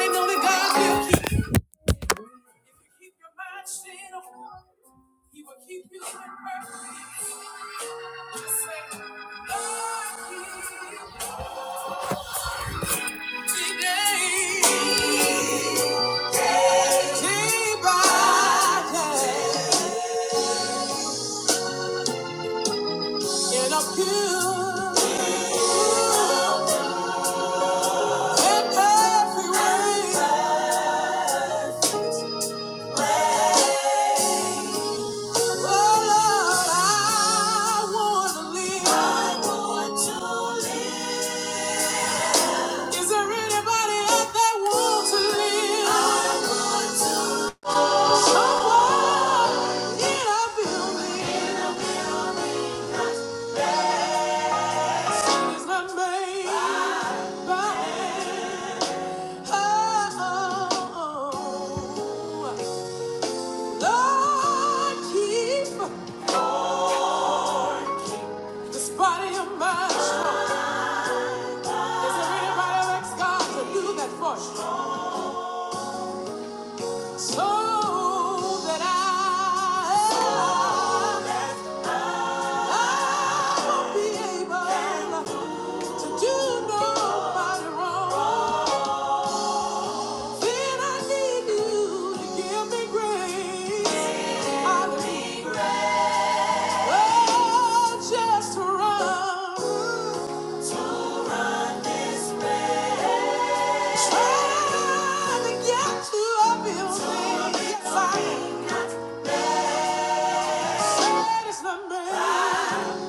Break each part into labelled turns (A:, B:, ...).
A: Ain't only God will keep you. If you keep your mind stayed on, He will keep you in perfect. Just say, Lord, keep me today. Day by day, in a pure and every way. Oh, Lord, I wanna live. I want to live. Is there anybody out there want to live? I want to. Someone in a building. In a building. That's not made by hand. Oh, Lord, keep this body of mine strong. Is there anybody that's got to do that for you? So that I, I will not be able to do nobody wrong. Then I need you to give me grace. Give me grace. Oh, just to run. To run this race. to get to a building. To yes, I am. not me.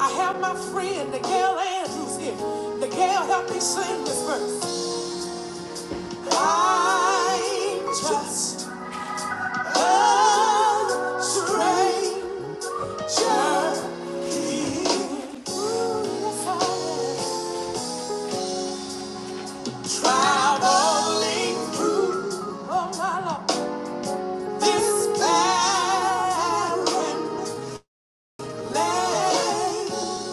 A: I have my friend, Miguel Andrews here. Miguel, help me sing this verse. I'm just a stranger. Just keep traveling through this barren land.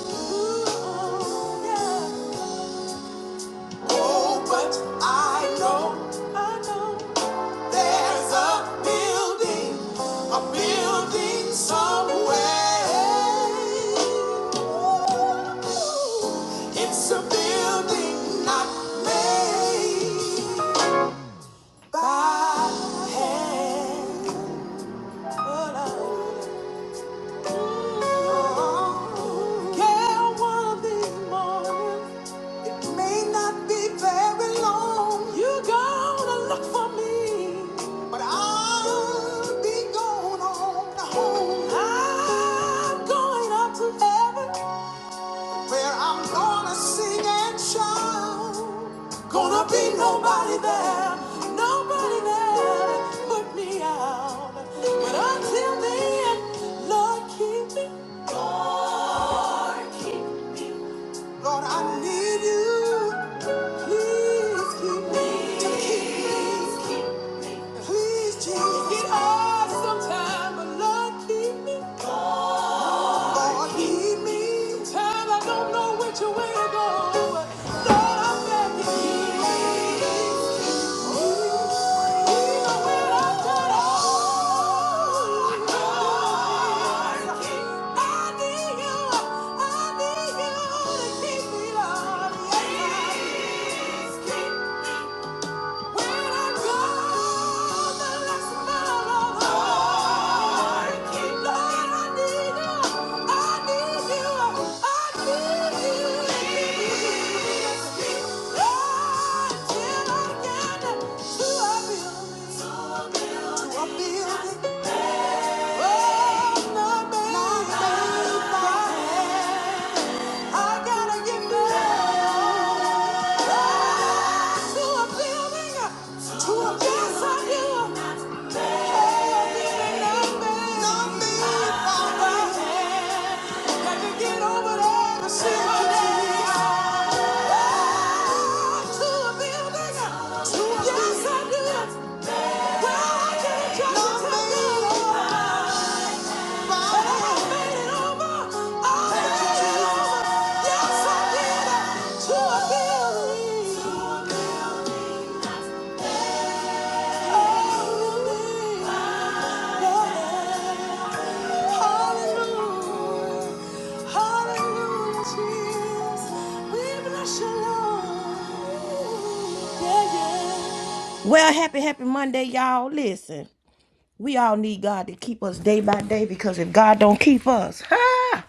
A: Oh, yeah. Oh, but I know There's a building, a building somewhere. It's a building not made by hand. Yeah, one of these mornings, it may not be very long. You're gonna look for me, but I'll be going on home. I'm going up to heaven. Where I'm gonna sing and shout. Gonna be nobody there, nobody there to put me out. But until then, Lord, keep me. Lord, Lord, I need you. Please keep me. To keep me. Please, Jesus, get off sometime, but Lord, keep me. Lord, lead me. Time I don't know which way to go. Lord, I'm begging you. Even when I've done all, I need you. I need you to keep me, Lord. Yes, I Building, oh, my baby, my baby. I gotta get back to a building, to a place I knew. Yes, I do. Well, I can't try to tell you. Well, happy, happy Monday, y'all. Listen. We all need God to keep us day by day because if God don't keep us, ha,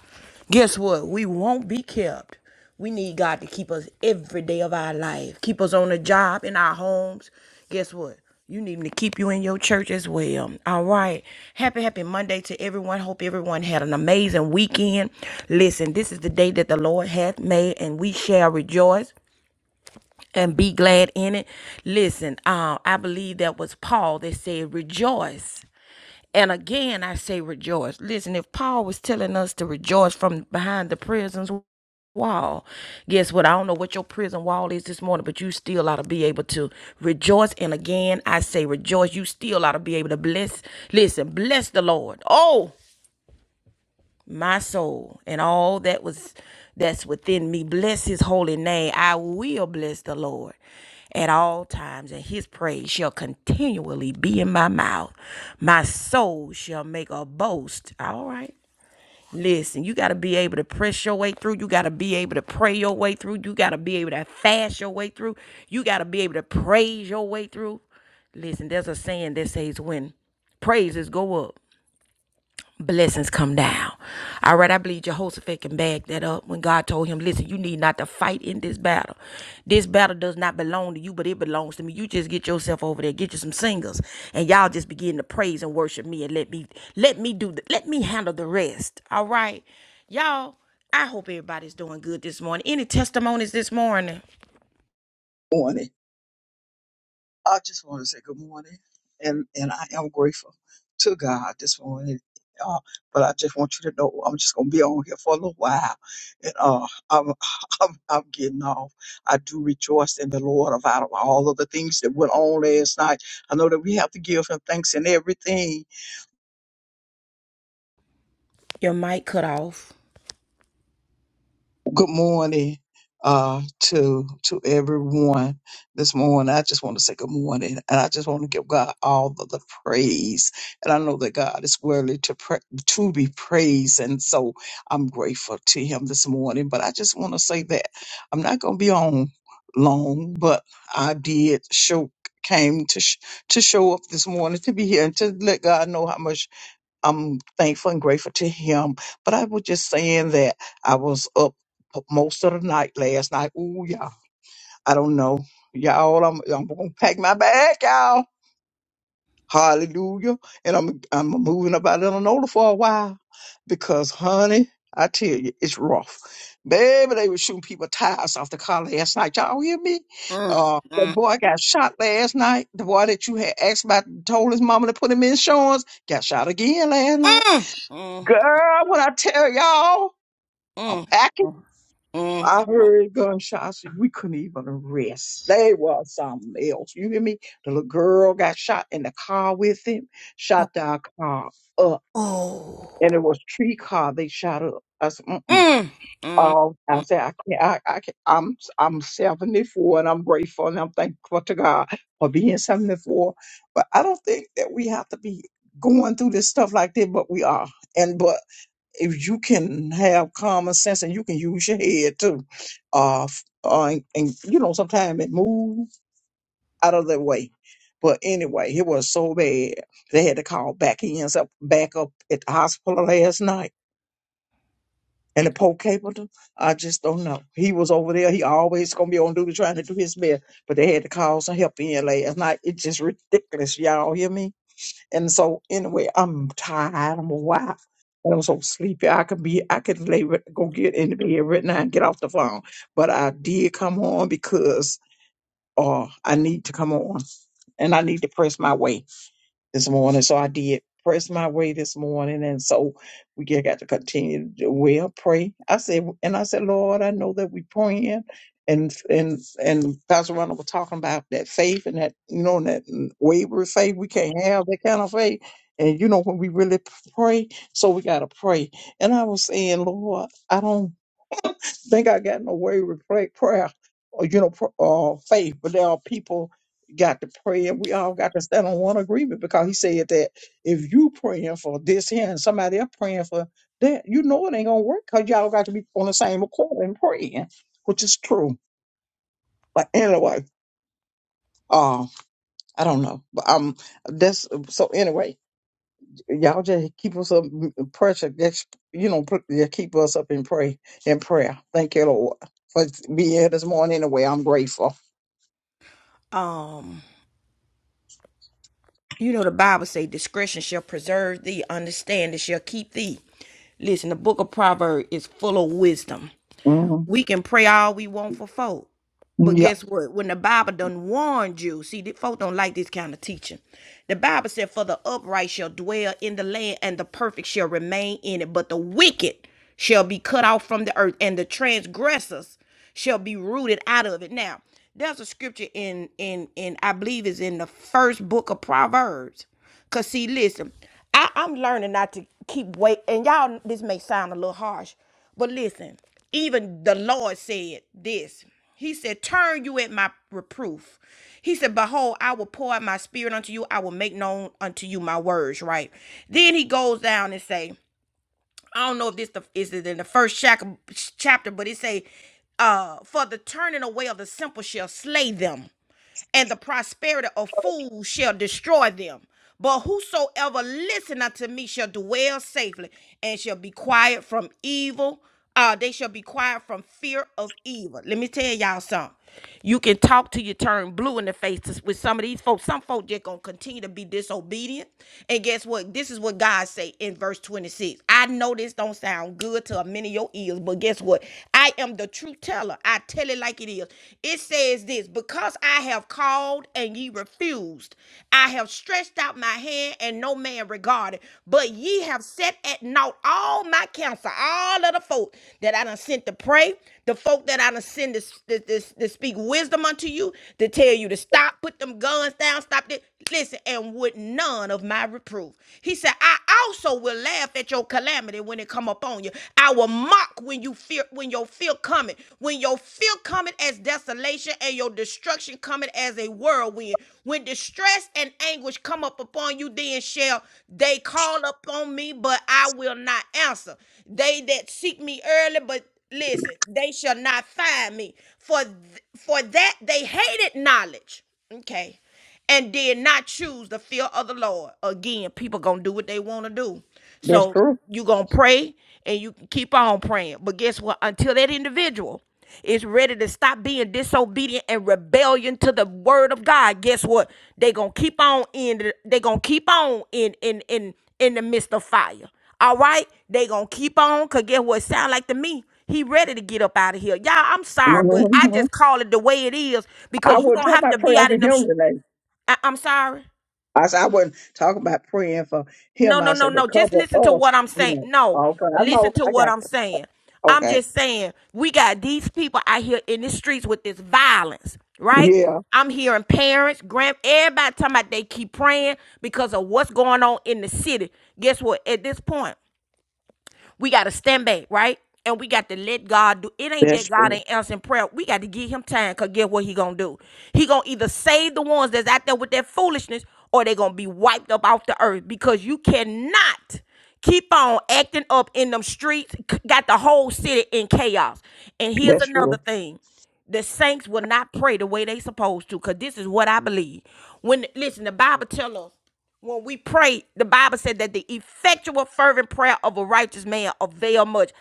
A: guess what? We won't be kept. We need God to keep us every day of our life. Keep us on the job, in our homes. Guess what? You need him to keep you in your church as well. All right. Happy, happy Monday to everyone. Hope everyone had an amazing weekend. Listen, this is the day that the Lord hath made, and we shall rejoice and be glad in it. Listen, uh, I believe that was Paul that said, Rejoice and again, I say rejoice. Listen, if Paul was telling us to rejoice from behind the prison's wall, guess what? I don't know what your prison wall is this morning, but you still ought to be able to rejoice. And again, I say rejoice. You still ought to be able to bless. Listen, bless the Lord. Oh, my soul and all that was that's within me bless his holy name i will bless the lord at all times and his praise shall continually be in my mouth my soul shall make a boast all right listen you got to be able to press your way through you got to be able to pray your way through you got to be able to fast your way through you got to be able to praise your way through listen there's a saying that says when praises go up blessings come down. All right, I believe Jehoshaphat can back that up when God told him, Listen, you need not to fight in this battle. This battle does not belong to you, but it belongs to me. You just get yourself over there, get you some singers, and y'all just begin to praise and worship me and let me let me do the, let me handle the rest. All right. Y'all, I hope everybody's doing good this morning. Any testimonies this morning?
B: morning. I just want to say good morning, and and I am grateful to God this morning. Uh, but I just want you to know I'm just gonna be on here for a little while, and uh, I'm I'm I'm getting off. I do rejoice in the Lord of out of all of the things that went on last night. I know that we have to give Him thanks in everything,
A: Your mic cut off.
B: good morning uh to to everyone this morning i just want to say good morning and i just want to give god all of the praise and i know that god is worthy to pra- to be praised and so i'm grateful to him this morning but i just want to say that i'm not going to be on long but i did show came to sh- to show up this morning to be here and to let god know how much I'm thankful and grateful to him. But I was just saying that I was up p- most of the night last night. Ooh, y'all. I don't know. Y'all, I'm, I'm going to pack my bag, y'all. Hallelujah. And I'm, I'm moving up out of Illinois for a while because, honey, I tell you, it's rough. Baby, they were shooting people tires off the car last night. Y'all hear me?
A: Mm,
B: Uh, that
A: mm,
B: boy got shot last night. The boy that you had asked about, told his mama to put him in insurance, got shot again last night.
A: mm, mm,
B: Girl, when I tell y'all, I'm
A: mm,
B: packing.
A: mm,
B: I
A: mm.
B: heard gunshots. We couldn't even rest. They was something else. You hear me? The little girl got shot in the car with him, shot our car up.
A: Oh.
B: And it was tree car they shot up. I said, mm-mm.
A: Mm, mm,
B: Oh, I
A: mm.
B: said, I can't, I, I can't, I'm, I'm 74 and I'm grateful and I'm thankful to God for being 74. But I don't think that we have to be going through this stuff like this, but we are. And, but if you can have common sense and you can use your head too, uh, f- uh and, and, you know sometimes it moves out of their way. But anyway, it was so bad they had to call back ends up back up at the hospital last night. And the poor capable, I just don't know. He was over there. He always gonna be on duty trying to do his best, but they had to call some help in last night. It's just ridiculous, y'all hear me? And so anyway, I'm tired. I'm a wife. And I'm so sleepy. I could be, I could lay, right- go get in the bed right now and get off the phone. But I did come on because uh, I need to come on and I need to press my way this morning. So I did press my way this morning. And so we get- got to continue to do well, pray. I said, and I said, Lord, I know that we praying. And, and, and Pastor Ronald was talking about that faith and that, you know, that wavering faith. We can't have that kind of faith. And, you know, when we really pray, so we got to pray. And I was saying, Lord, I don't think I got in the way with pray, prayer or you know pr- uh, faith, but there are people got to pray, and we all got to stand on one agreement because he said that if you praying for this here and somebody else praying for that, you know it ain't gonna work because y'all got to be on the same accord and praying, which is true. But anyway, uh, I don't know, but um, that's so anyway. Y'all just keep us up in pressure. Just, you know, put, yeah, keep us up in pray in prayer. Thank you, Lord, for being here this morning. Anyway, I'm grateful.
A: Um, you know the Bible say discretion shall preserve thee, understanding shall keep thee. Listen, the book of Proverbs is full of wisdom.
B: hmm
A: We can pray all we want for folk. But
B: Yeah,
A: guess what? When the Bible done warned you, see, the folk don't like this kind of teaching. The Bible said, For the upright shall dwell in the land, and the perfect shall remain in it, but the wicked shall be cut off from the earth, and the transgressors shall be rooted out of it. Now, there's a scripture in in in I believe is in the first book of Proverbs. Cause see, listen, I, I'm learning not to keep wait. And y'all, this may sound a little harsh, but listen, even the Lord said this. He said, Turn you at my reproof. He said, Behold, I will pour out my spirit unto you. I will make known unto you my words, right? Then he goes down and say. I don't know if this the, is it in the first shack, chapter, but it say, uh, for the turning away of the simple shall slay them, and the prosperity of fools shall destroy them. But whosoever listen unto me shall dwell safely and shall be quiet from evil. Uh, they shall be quiet from fear of evil. Let me tell y'all something. You can talk till you turn blue in the face to- with some of these folks. Some folks just gonna continue to be disobedient. And guess what? This is what God say in verse 26. I know this don't sound good to a many of your ears, but guess what? I am the truth teller. I tell it like it is. It says this, because I have called and ye refused. I have stretched out my my hand, and no man regarded. But ye have set at naught all my counsel, all of the folk that I done sent to pray, the folk that I done sent to, to, to, to speak wisdom unto you, to tell you to stop, put them guns down, stop it. Listen, and with none of my reproof. He said, I also will laugh at your calamity when it come upon you. I will mock when you fear when your fear coming. When your fear coming, cometh as desolation and your destruction cometh as a whirlwind. When distress and anguish come up upon you, then shall they call upon me, but I will not answer. They that seek me early, but listen, they shall not find me. For th- for that they hated knowledge. Okay and did not choose the fear of the Lord. Again, people gonna do what they wanna do.
B: that's
A: So
B: true.
A: you gonna pray and you can keep on praying. But guess what? Until that individual is ready to stop being disobedient and rebellion to the word of God, guess what? They gonna keep on in the, they gonna keep on in in in in the midst of fire. All right, they gonna keep on. Cause guess what? It Sound like to me, he ready to get up out of here. Y'all, I'm sorry, but I
B: hmm
A: just call it the way it is
B: I
A: because you
B: wouldn't
A: don't
B: talk
A: have to
B: about
A: be
B: praying
A: out
B: for
A: in them.
B: him today.
A: I, I'm sorry.
B: I said I wouldn't talk about praying for
A: No,
B: him.
A: no,
B: I
A: no,
B: said, but
A: no. Just
B: cover
A: listen to
B: us,
A: what I'm
B: you
A: saying.
B: know.
A: No,
B: Okay, I
A: listen
B: know.
A: to
B: I
A: what
B: got
A: I'm
B: you.
A: saying. I'm
B: Okay.
A: just saying we got these people out here in the streets with this violence, right?
B: Yeah,
A: I'm hearing parents, grand, everybody talking about they keep praying because of what's going on in the city. Guess what? At this point, We got to stand back, right? And we got to let God do. It ain't
B: that's
A: that God
B: true.
A: ain't answering prayer. We got to give him time because get what he going to do? He going to either save the ones that's out there with that foolishness or they going to be wiped up off the earth because you cannot keep on acting up in them streets. c- Got the whole city in chaos. And here's
B: That's
A: another
B: true.
A: thing the saints will not pray the way they supposed to because this is what i believe when listen the bible tell us when we pray, the Bible said that the effectual, fervent prayer of a righteous man avail much.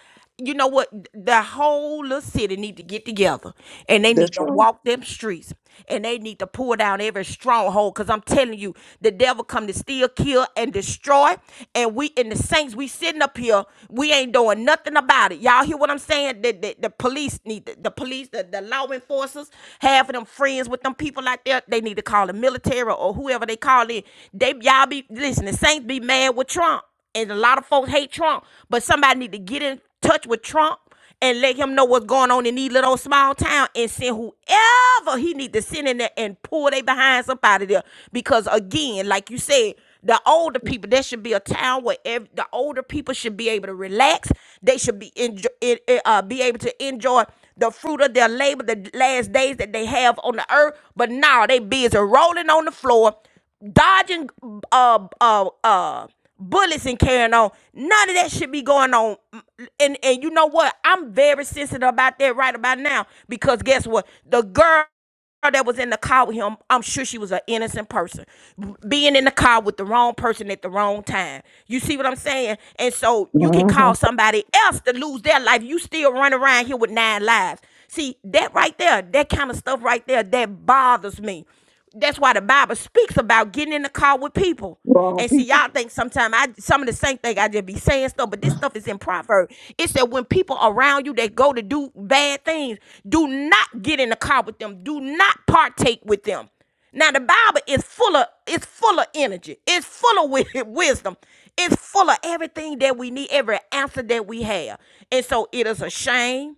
A: You know what? The whole little city need to get together, and they
B: That's
A: need to
B: true.
A: walk them streets, and they need to pull down every stronghold. Cause I'm telling you, the devil come to steal, kill, and destroy. And we in the saints, we sitting up here, we ain't doing nothing about it. Y'all hear what I'm saying? The, the, the police need the, the police, the, the law enforcers, half of them friends with them people out there, they need need to call the military or whoever they call it, They y'all be listen, the Saints be mad with Trump. And a lot of folks hate Trump. But somebody need to get in touch with Trump and let him know what's going on in these little small town and send whoever he need to send in there and pull they behinds up out of there. Because again, like you said, the older people, there should be a town where ev- the older people should be able to relax. They should be enjoy, uh, be able to enjoy the fruit of their labor, the last days that they have on the earth. But now they busy rolling on the floor, dodging uh uh uh bullets and carrying on. None of that should be going on. And and you know what? I'm very sensitive about that right about now because guess what? The girl that was in the car with him, I'm sure she was an innocent person. Being in the car with the wrong person at the wrong time. You see what I'm saying? And so you can
B: Mm-hmm.
A: cause somebody else to lose their life. You still run around here with nine lives. See, that right there, that kind of stuff right there, that bothers me. That's why the Bible speaks about getting in the car with people.
B: Wrong
A: And see,
B: people.
A: y'all think sometimes I some of the same thing I just be saying stuff, but this stuff is in proverb. It said when people around you that go to do bad things, do not get in the car with them. Do not partake with them. Now the Bible is full of it's full of energy. It's full of wi- wisdom. It's full of everything that we need, every answer that we have. And so it is a shame.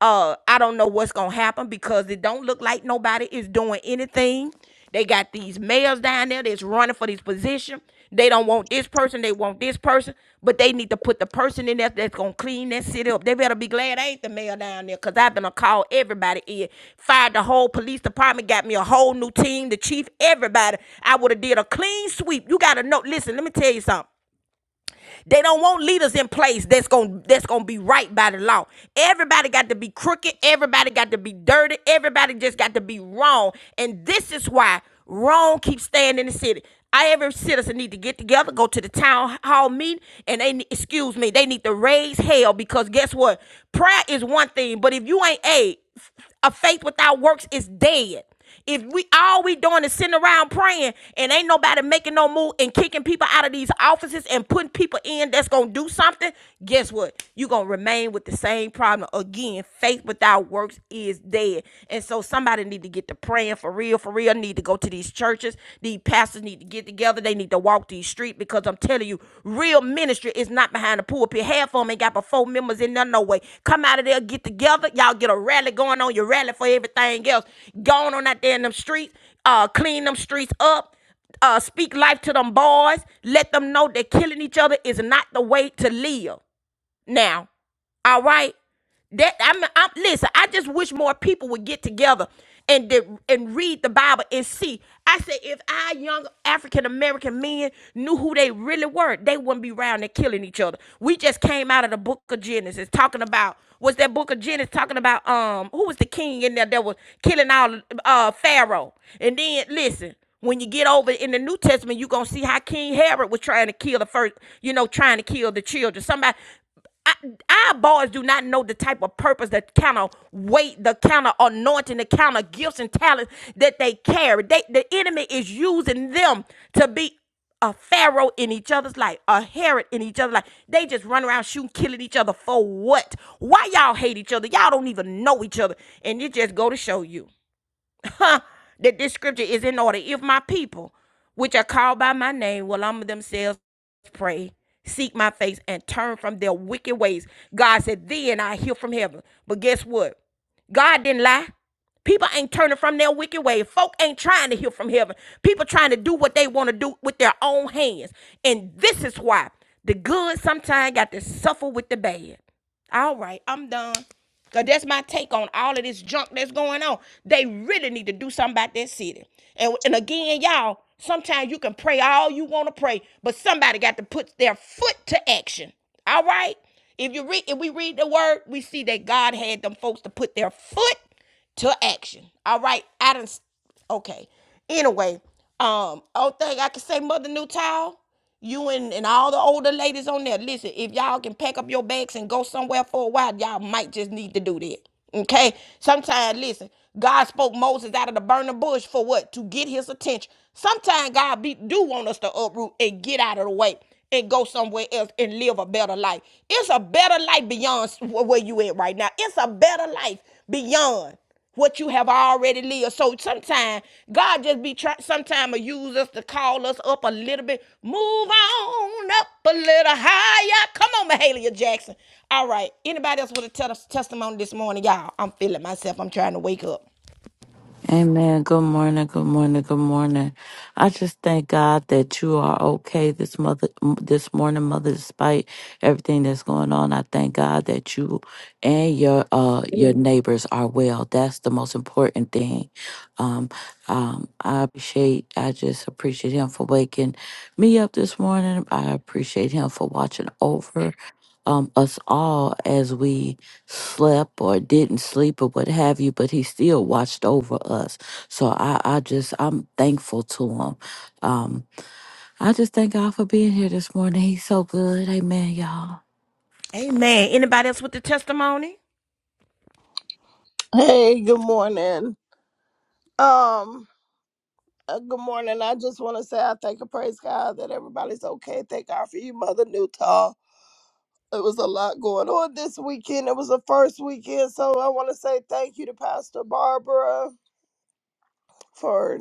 A: Uh, I don't know what's gonna happen because it don't look like nobody is doing anything. They got these mayors down there that's running for this position. They don't want this person, they want this person, but they need to put the person in there that's gonna clean that city up. They better be glad I ain't the mayor down there, cause I've been a call everybody in. Fired the whole police department, got me a whole new team, the chief, everybody. I would have did a clean sweep. You gotta know, listen, let me tell you something. They don't want leaders in place that's going to that's going to be right by the law. Everybody got to be crooked, everybody got to be dirty, everybody just got to be wrong. And this is why wrong keeps staying in the city. I every citizen need to get together, go to the town hall meeting, and they ne- excuse me, they need to raise hell because guess what? Prayer is one thing, but if you ain't a a faith without works is dead. If we all we doing is sitting around praying and ain't nobody making no move and kicking people out of these offices and putting people in that's gonna do something, guess what? you gonna remain with the same problem. Again, faith without works is dead. And so somebody need to get to praying for real, for real, need to go to these churches. These pastors need to get together. They need need to walk these streets because I'm telling you, real ministry is not behind the pulpit. Half of them ain't got but four members in there, no way. Come out of there, get together. Y'all get a rally going on. You rally for everything else. going on out there in them streets, uh, clean them streets up uh, speak life to them boys. Let them know that killing each other is not the way to live now. All right. That I'm, I'm listen, I just wish more people would get together and de- and read the Bible and see. I said if our young African American men knew who they really were, they wouldn't be around there killing each other. We just came out of the book of Genesis talking about was that book of Genesis talking about um who was the king in there that was killing all uh Pharaoh. And then listen, when you get over in the New Testament, you're gonna see how King Herod was trying to kill the first, you know, trying to kill the children. Somebody I, our boys do not know the type of purpose, the kind of weight, the kind of anointing, the kind of gifts and talents that they carry. They, the enemy is using them to be a pharaoh in each other's life, a Herod in each other's life. They just run around shooting, killing each other for what? Why y'all hate each other? Y'all don't even know each other, and it just go to show you huh, that this scripture is in order. If my people, which are called by my name, will humble themselves, pray, seek my face, and turn from their wicked ways, God said, then I hear from heaven. But guess what? God didn't lie. People ain't turning from their wicked way. Folk ain't trying to hear from heaven. People trying to do what they want to do with their own hands. And this is why the good sometimes got to suffer with the bad. All right, I'm done. Cause that's my take on all of this junk that's going on. They really need to do something about that city. And, and again, y'all, sometimes you can pray all you want to pray, but somebody got to put their foot to action. All right. If you read, if we read the word, we see that God had them folks to put their foot to action. All right, I done. Okay. Anyway, um, only thing I can say, Mother Newtile, you and and all the older ladies on there, listen. If y'all can pack up your bags and go somewhere for a while, y'all might just need to do that. Okay. Sometimes, listen, God spoke Moses out of the burning bush for what? To get his attention. Sometimes God be, do want us to uproot and get out of the way and go somewhere else and live a better life. It's a better life beyond where you at right now. It's a better life beyond what you have already lived. So sometimes God just be trying. sometimes use us to call us up a little bit. Move on up a little higher. Come on, Mahalia Jackson. All right. Anybody else with a tes- testimony this morning? Y'all, I'm feeling myself. I'm trying to wake up.
C: Amen. Good morning. Good morning. Good morning. I just thank God that you are okay this mother this morning, mother. Despite everything that's going on, I thank God that you and your uh your
B: You
C: neighbors are well. That's the most important thing. Um, um, I appreciate. I just appreciate him for waking me up this morning. I appreciate him for watching over um us all as we slept or didn't sleep or what have you, but he still watched over us. So I, I just, I'm thankful to him. Um, I just thank God for being here this morning. He's so good. Amen, y'all.
A: Amen. Anybody else with the testimony?
D: Hey, good morning. Um, uh, good morning. I just want to say I thank and praise God that everybody's okay. Thank God for you, Mother Newtall. It was a lot going on this weekend. It was the first weekend, so I want to say thank you to Pastor Barbara for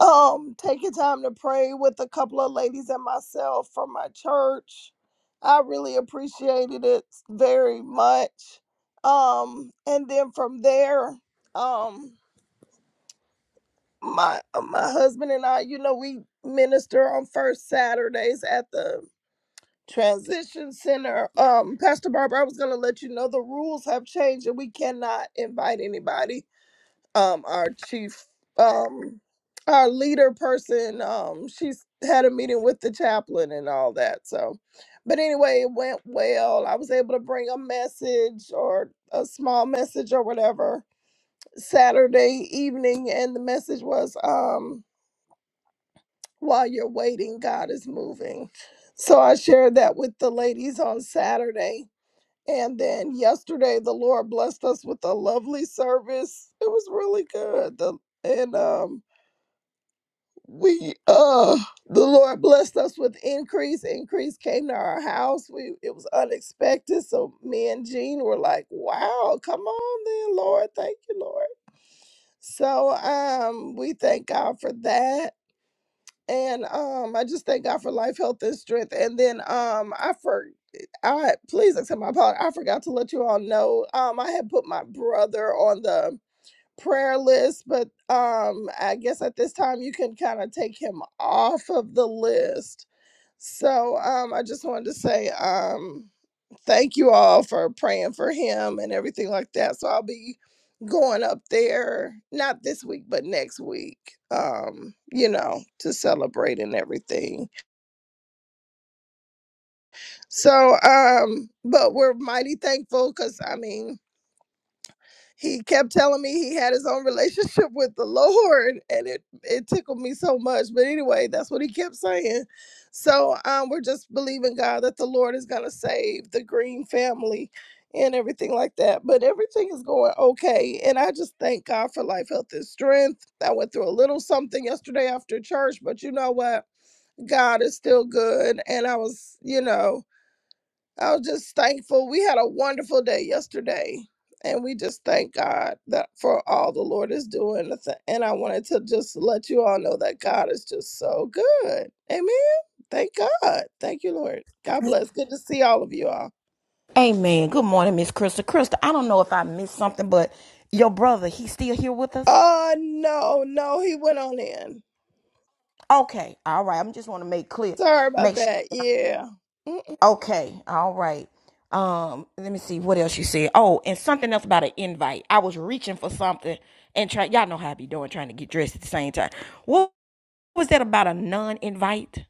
D: um taking time to pray with a couple of ladies and myself from my church. I really appreciated it very much. Um, and then from there, um. my uh, my husband and I, you know, we minister on first Saturdays at the transition center. Um, Pastor Barbara, I was gonna let you know the rules have changed and we cannot invite anybody. Um, our chief, um, our leader person, um, she's had a meeting with the chaplain and all that. So, but anyway, it went well. I was able to bring a message or a small message or whatever Saturday evening, and the message was um while you're waiting, God is moving. So I shared that with the ladies on Saturday. And then yesterday, the Lord blessed us with a lovely service. It was really good. The, and um, we, uh, the Lord blessed us with increase. Increase came to our house. We it was unexpected. So me and Jean were like, "Wow, come on, then, Lord, thank you, Lord." So um, we thank God for that and um I just thank God for life, health, and strength. And then um I for I please accept my apology. I forgot to let you all know. Um I had put my brother on the prayer list, but um I guess at this time you can kind of take him off of the list. So um I just wanted to say um thank you all for praying for him and everything like that. So I'll be going up there not this week but next week um you know to celebrate and everything so um but we're mighty thankful because i mean he kept telling me he had his own relationship with the Lord, and it it tickled me so much. But anyway, that's what he kept saying. So um, we're just believing God that the Lord is gonna save the Green family and everything like that. But everything is going okay, and I just thank God for life, health, and strength. I went through a little something yesterday after church, but you know what? God is still good, and I was, you know. I was just thankful. We had a wonderful day yesterday, and we just thank God that for all the Lord is doing. And th- and I wanted to just let you all know that God is just so good. Amen. Thank God. Thank you, Lord. God bless. Good to see all of you all.
A: Amen. Good morning, Miss Krista. Krista, I don't know if I missed something, but your brother, he's still here with us?
D: Oh no, no, he went on in.
A: Okay. All right. I'm just want to make clear.
D: Sorry about
A: Make sure.
D: that. Yeah.
A: Okay. All right. Um, let me see what else you said. Oh, and something else about an invite. I was reaching for something and try y'all know how I be doing trying to get dressed at the same time. What was that about a non-invite?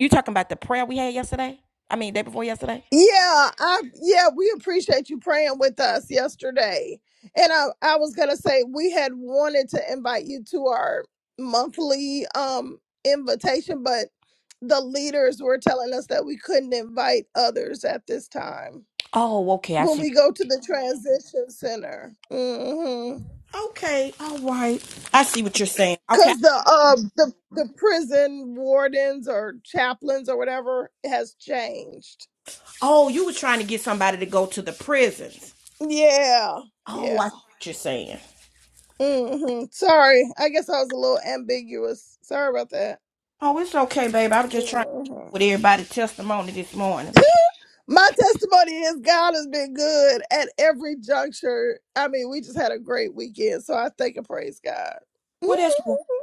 A: You talking about the prayer we had yesterday? I mean, day before yesterday?
D: Yeah, I yeah, we appreciate you praying with us yesterday. And I I was going to say we had wanted to invite you to our monthly um invitation, but the leaders were telling us that we couldn't invite others at this time
A: Oh, okay. I
D: when
A: see.
D: we go to the transition center. Mhm.
A: Okay. All right. I see what you're saying. Okay.
D: Cuz the uh the the prison wardens or chaplains or whatever has changed.
A: Oh, you were trying to get somebody to go to the prisons.
D: Yeah.
A: Oh, I
D: Yeah.
A: see what you're saying.
D: hmm Sorry, I guess I was a little ambiguous. Sorry about that.
A: Oh, it's okay, babe. I was just trying to keep
D: hmm
A: up with everybody's testimony this morning.
D: My testimony is God has been good at every juncture. I mean, we just had a great weekend, so I thank and praise God.
A: Well, that's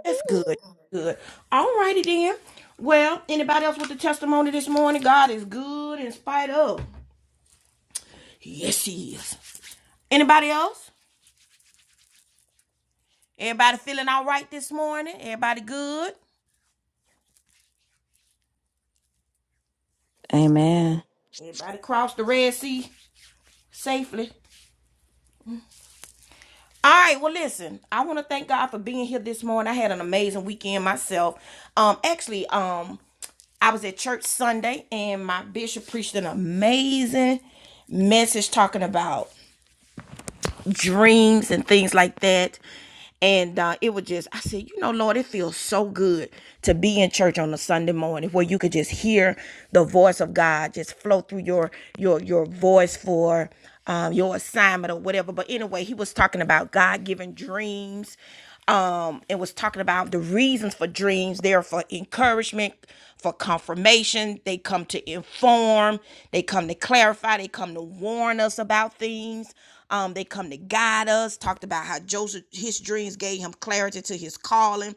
A: that's good. Good. All righty then. Well, anybody else with a testimony this morning? God is good in spite of. Yes, He is. Anybody else? Everybody feeling all right this morning? Everybody good?
C: Amen.
A: Everybody crossed the Red Sea safely? All right, well, listen, I want to thank God for being here this morning. I had an amazing weekend myself. Um, actually, um, I was at church Sunday and my bishop preached an amazing message talking about dreams and things like that. And uh, it was just, I said, you know, Lord, it feels so good to be in church on a Sunday morning where you could just hear the voice of God just flow through your your your voice for um, your assignment or whatever. But anyway, he was talking about God given dreams um, and was talking about the reasons for dreams. They're for encouragement, for confirmation. They come to inform, they come to clarify, they come to warn us about things. Um, they come to guide us. Talked about how Joseph, his dreams gave him clarity to his calling.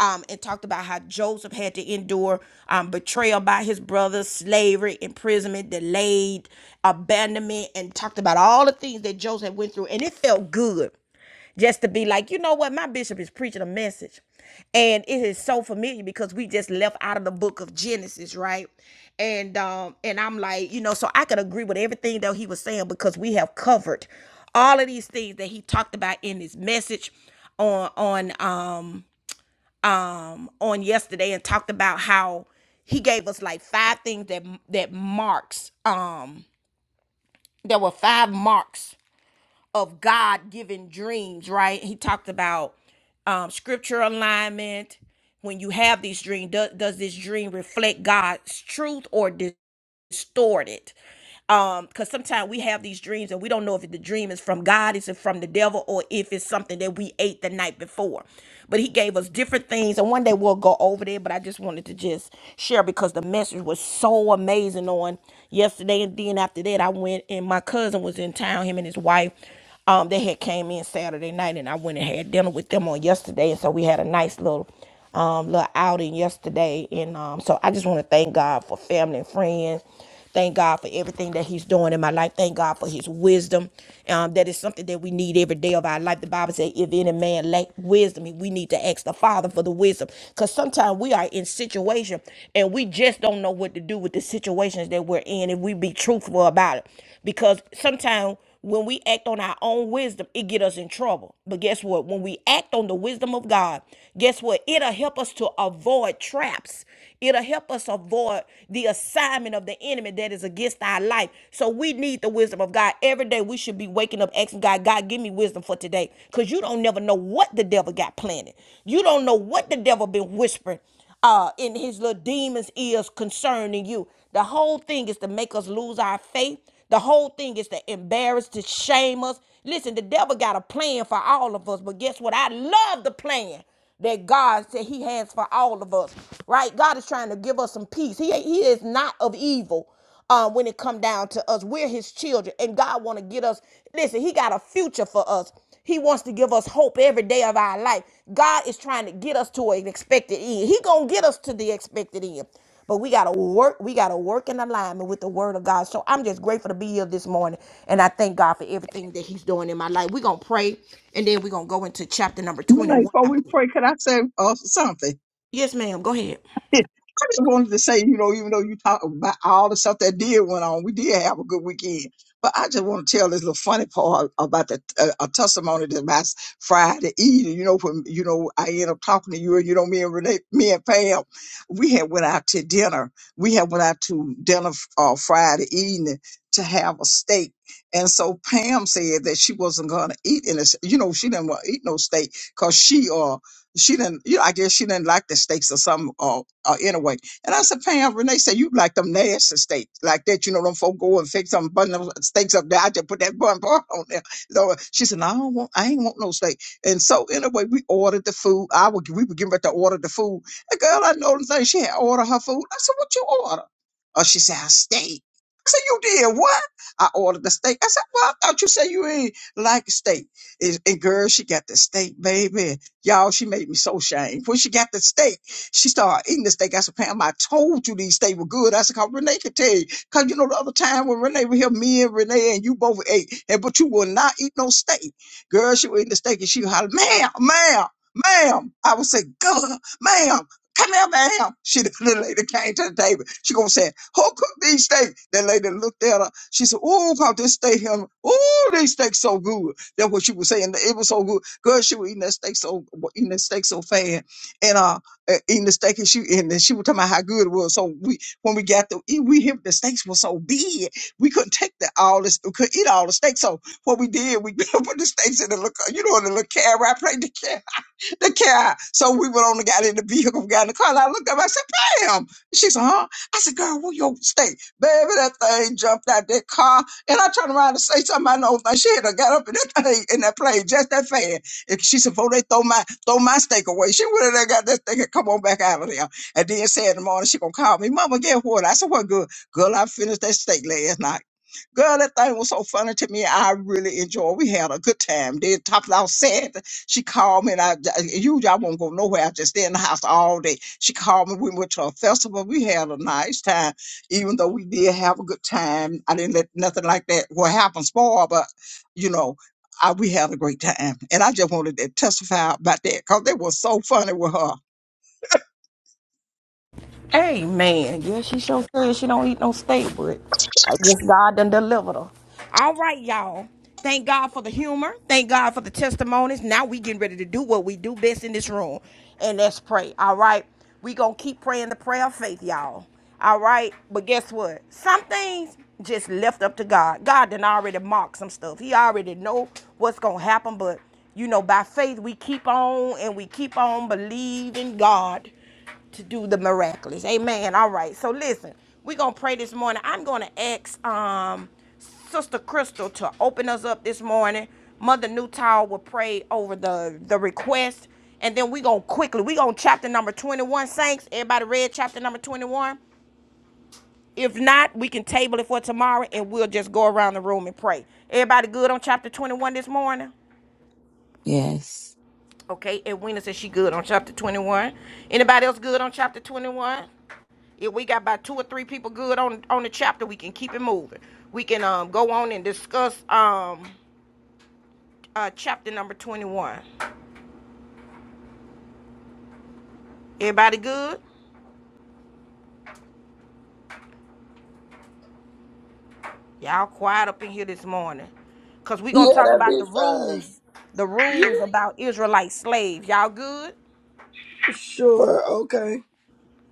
A: Um, and talked about how Joseph had to endure um, betrayal by his brothers, slavery, imprisonment, delayed, abandonment, and talked about all the things that Joseph went through. And it felt good just to be like, you know what, my bishop is preaching a message. And it is so familiar because we just left out of the book of Genesis, right? And um, and I'm like, you know, so I could agree with everything that he was saying because we have covered all of these things that he talked about in his message on on um um on yesterday and talked about how he gave us like five things that that marks um there were five marks of God given dreams, right? He talked about um, scripture alignment. When you have these dreams, does, does this dream reflect God's truth or distort it? um because sometimes we have these dreams and we don't know if the dream is from god is it from the devil or if it's something that we ate the night before but he gave us different things and one day we'll go over there but i just wanted to just share because the message was so amazing on yesterday and then after that i went and my cousin was in town him and his wife um they had came in saturday night and i went and had dinner with them on yesterday and so we had a nice little um little outing yesterday and um so i just want to thank god for family and friends Thank God for everything that He's doing in my life. Thank God for His wisdom. Um, that is something that we need every day of our life. The Bible says, if any man lack wisdom, we need to ask the Father for the wisdom. Because sometimes we are in situation and we just don't know what to do with the situations that we're in and we be truthful about it. Because sometimes when we act on our own wisdom, it get us in trouble. But guess what? When we act on the wisdom of God, guess what? It'll help us to avoid traps. It'll help us avoid the assignment of the enemy that is against our life. So we need the wisdom of God. Every day we should be waking up asking God, God, give me wisdom for today. Because you don't never know what the devil got planted. You don't know what the devil been whispering uh, in his little demon's ears concerning you. The whole thing is to make us lose our faith. The whole thing is to embarrass, to shame us. Listen, the devil got a plan for all of us, but guess what? I love the plan that God said He has for all of us. Right? God is trying to give us some peace. He He is not of evil. Uh, when it come down to us, we're His children, and God want to get us. Listen, He got a future for us. He wants to give us hope every day of our life. God is trying to get us to an expected end. He gonna get us to the expected end. But we gotta work, we gotta work in alignment with the word of God. So I'm just grateful to be here this morning. And I thank God for everything that He's doing in my life. We're gonna pray and then we're gonna go into chapter number
B: know,
A: 21.
B: before we pray, could I say uh, something?
A: Yes, ma'am. Go ahead.
B: I just wanted to say, you know, even though you talk about all the stuff that did went on, we did have a good weekend. But I just want to tell this little funny part about the uh, a testimony that my s- Friday evening. You know, when you know I end up talking to you, and you know me and Renee, me and Pam, we had went out to dinner. We had went out to dinner uh, Friday evening to have a steak. And so Pam said that she wasn't going to eat, and you know she didn't want to eat no steak because she uh she didn't, you know, I guess she didn't like the steaks or something, or, or anyway. And I said, Pam, Renee said, you like them nasty steaks like that. You know, them folk go and fix them bun them steaks up there. I just put that bun bar on there. So she said, no, I don't want, I ain't want no steak. And so anyway, we ordered the food. I would, we were getting ready to order the food. The girl, I know the thing, she had ordered her food. I said, what you order? Oh, she said, a steak. I said, you did what? I ordered the steak. I said, well, I thought you said you ain't like steak. And and girl, she got the steak, baby. Y'all, she made me so ashamed. When she got the steak, she started eating the steak. I said, Pam, I told you these steak were good. I said, cause Renee could tell you. Cause you know, the other time when Renee was here, me and Renee and you both ate, and but you will not eat no steak. Girl, she was eating the steak and she hollered, ma'am, ma'am, ma'am. I would say, girl, ma'am. Come here, ma'am. She the lady came to the table. She gonna say, Who cooked these steaks? That lady looked at her. She said, Oh, about this steak him. Oh, these steaks so good. That's what she was saying. It was so good. Girl, she was eating that steak so eating that steak so fast, and uh, uh, eating the steak, and she and then she was talking about how good it was. So we when we got the we hit the steaks were so big, we couldn't take the all this, we could eat all the steaks. So what we did, we put the steaks in the little, you know, in the little carrot plate, the car. So we went on and got in the vehicle, got in the car. And I looked up, I said, Pam. She said, huh? I said, girl, where your steak? Baby, that thing jumped out that car. And I turned around to say something. I know thing. She had to got up in that thing in that plane just that fast. And she said, before they throw my throw my steak away, she would have got that thing and come on back out of there. And then said in the morning, she gonna call me, Mama, get what? I said, What good? Girl, I finished that steak last night. Girl, that thing was so funny to me. I really enjoyed. We had a good time. Then top of our set, she called me and I usually I won't go nowhere. I just stay in the house all day. She called me. We went to a festival. We had a nice time. Even though we did have a good time. I didn't let nothing like that what happened spoil, but you know, I, we had a great time. And I just wanted to testify about that because it was so funny with her.
A: Amen. Yeah, she sure said she don't eat no steak, but I guess God done delivered her. All right, y'all. Thank God for the humor. Thank God for the testimonies. Now we getting ready to do what we do best in this room, and let's pray. All right. We gonna keep praying the prayer of faith, y'all. All right. But guess what? Some things just left up to God. God done already marked some stuff. He already know what's gonna happen, but you know, by faith we keep on and we keep on believing God. to do the miraculous. Amen. All right. So listen, we're gonna pray this morning. I'm gonna ask um Sister Crystal to open us up this morning. Mother Newtow will pray over the the request. And then we gonna quickly, we gonna chapter number 21, Saints. Everybody read chapter number 21. If not, we can table it for tomorrow and we'll just go around the room and pray. Everybody good on chapter 21 this morning?
C: Yes,
A: Okay, and Edwina says she good on chapter 21. Anybody else good on chapter 21? If we got about two or three people good on on the chapter, we can keep it moving. We can um go on and discuss um uh chapter number 21. Everybody good? Y'all quiet up in here this morning. Cause we gonna
D: Yeah,
A: talk
D: that'd
A: about
D: be
A: the
D: fun.
A: rules, the
D: Yeah,
A: rules about Israelite slaves. Y'all good?
D: Sure. Okay.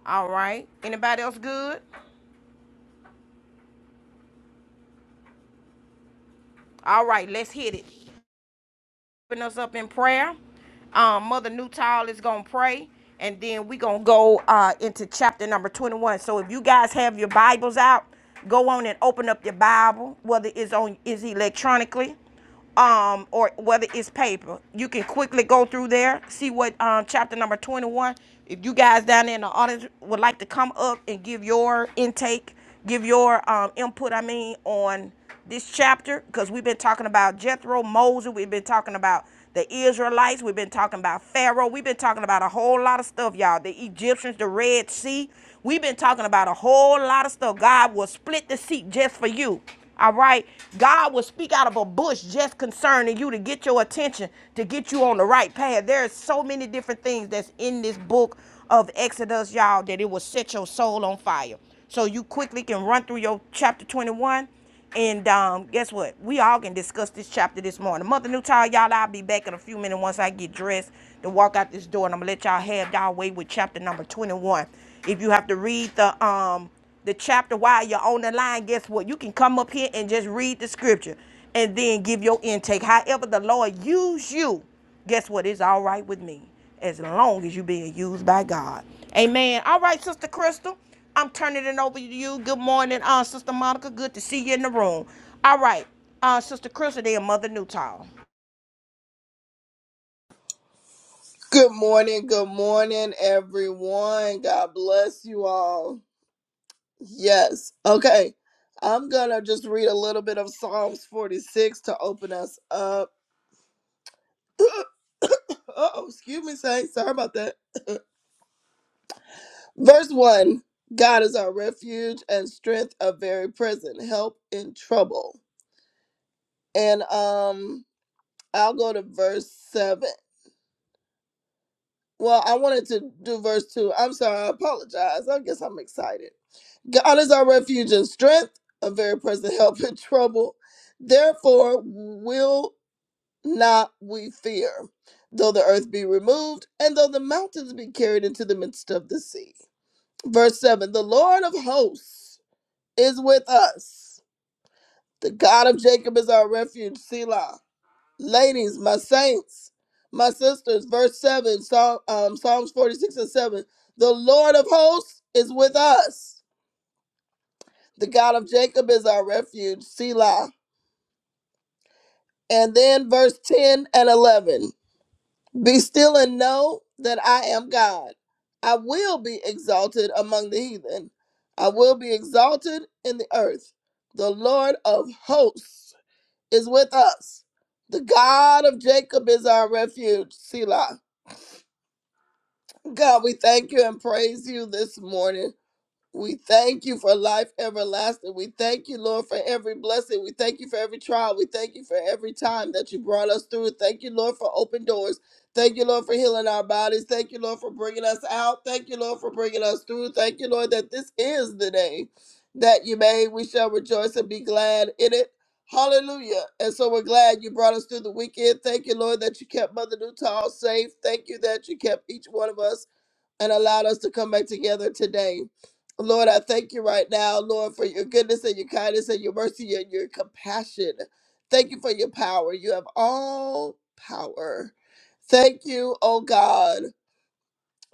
A: All right. Anybody else good? All right, let's hit it. open us up in prayer. Um, Mother Newtile is gonna pray, and then we gonna go uh, into chapter number 21. So if you guys have your Bibles out, go on and open up your Bible, whether it's on is electronically, um, or whether it's paper. You can quickly go through there, see what um, chapter number 21. If you guys down there in the audience would like to come up and give your intake, give your um, input, I mean, on this chapter because we've been talking about Jethro, Moses, we've been talking about the Israelites, we've been talking about Pharaoh, we've been talking about a whole lot of stuff, y'all. The Egyptians, the Red Sea, we've been talking about a whole lot of stuff. God will split the sea just for you. All right, God will speak out of a bush just concerning you to get your attention, to get you on the right path. There are so many different things that's in this book of Exodus, y'all, that it will set your soul on fire. So you quickly can run through your chapter 21 and um, guess what? We all can discuss this chapter this morning. Mother Newtile, y'all, I'll be back in a few minutes once I get dressed to walk out this door, and I'm gonna let y'all have y'all way with chapter number 21. If you have to read the um the chapter while you're on the line, guess what? You can come up here and just read the scripture and then give your intake. However, the Lord use you guess what? It's all right with me as long as you're being used by God. Amen. All right, Sister Crystal, I'm turning it over to you. Good morning, uh, Sister Monica. Good to see you in the room. All right, uh, Sister Crystal, then Mother Newtall.
D: Good morning. Good morning, everyone. God bless you all. Yes. Okay. I'm going to just read a little bit of Psalms 46 to open us up. oh, excuse me, Saint. Sorry about that. Verse 1 God is our refuge and strength, a very present help in trouble. And um, I'll go to verse 7. Well, I wanted to do verse 2. I'm sorry. I apologize. I guess I'm excited. God is our refuge and strength, a very present help in trouble. Therefore, will not we fear, though the earth be removed, and though the mountains be carried into the midst of the sea Verse 7 The Lord of hosts is with us. The God of Jacob is our refuge, Selah. Ladies, my saints, my sisters, verse 7, Psalm, um, Psalms 46 and 7. The Lord of hosts is with us. The God of Jacob is our refuge, Selah. And then verse 10 and 11. Be still and know that I am God. I will be exalted among the heathen. I will be exalted in the earth. The Lord of hosts is with us. The God of Jacob is our refuge, Selah. God, we thank you and praise you this morning. We thank you for life everlasting. We thank you, Lord, for every blessing. We thank you for every trial. We thank you for every time that you brought us through. Thank you, Lord, for open doors. Thank you, Lord, for healing our bodies. Thank you, Lord, for bringing us out. Thank you, Lord, for bringing us through. Thank you, Lord, that this is the day that you made. We shall rejoice and be glad in it. Hallelujah. And so we're glad you brought us through the weekend. Thank you, Lord, that you kept Mother Newtall safe. Thank you that you kept each one of us and allowed us to come back together today. Lord, I thank you right now, Lord, for your goodness and your kindness and your mercy and your compassion. Thank you for your power. You have all power. Thank you, oh God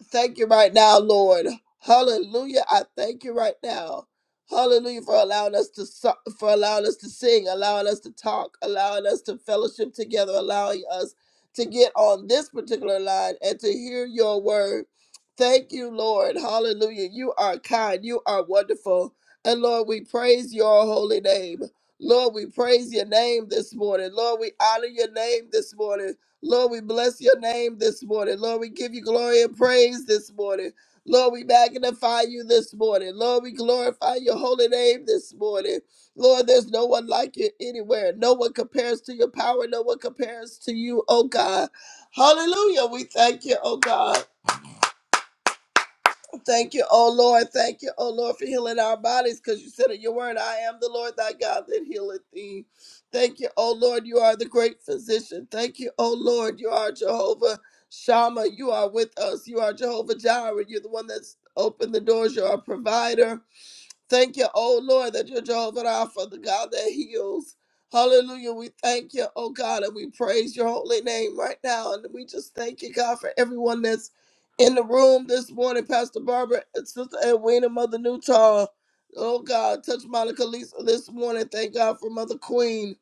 D: thank you right now, Lord. Hallelujah. I thank you right now. Hallelujah for allowing us to so- for allowing us to sing, allowing us to talk, allowing us to fellowship together, allowing us to get on this particular line and to hear your word. Thank you, Lord. Hallelujah. You are kind. You are wonderful. And Lord, we praise your holy name. Lord, we praise your name this morning. Lord, we honor your name this morning. Lord, we bless your name this morning. Lord, we give you glory and praise this morning. Lord, we magnify you this morning. Lord, we glorify your holy name this morning. Lord, there's no one like you anywhere. No one compares to your power. No one compares to you, oh God. Hallelujah. We thank you, oh God. Thank you, oh Lord. Thank you, oh Lord, for healing our bodies because you said in your word, I am the Lord thy God that healeth thee. Thank you, oh Lord. You are the great physician. Thank you, oh Lord. You are Jehovah Shammah. You are with us. You are Jehovah Jireh. You're the one that's opened the doors. You're our provider. Thank you, oh Lord, that you're Jehovah Rapha, the God that heals. Hallelujah. We thank you, oh God, and we praise your holy name right now. And we just thank you, God, for everyone that's in the room this morning. Pastor Barbara and Sister Edwina, Mother Newtall. Oh God, touch Monica Lisa this morning. Thank God for Mother Queen.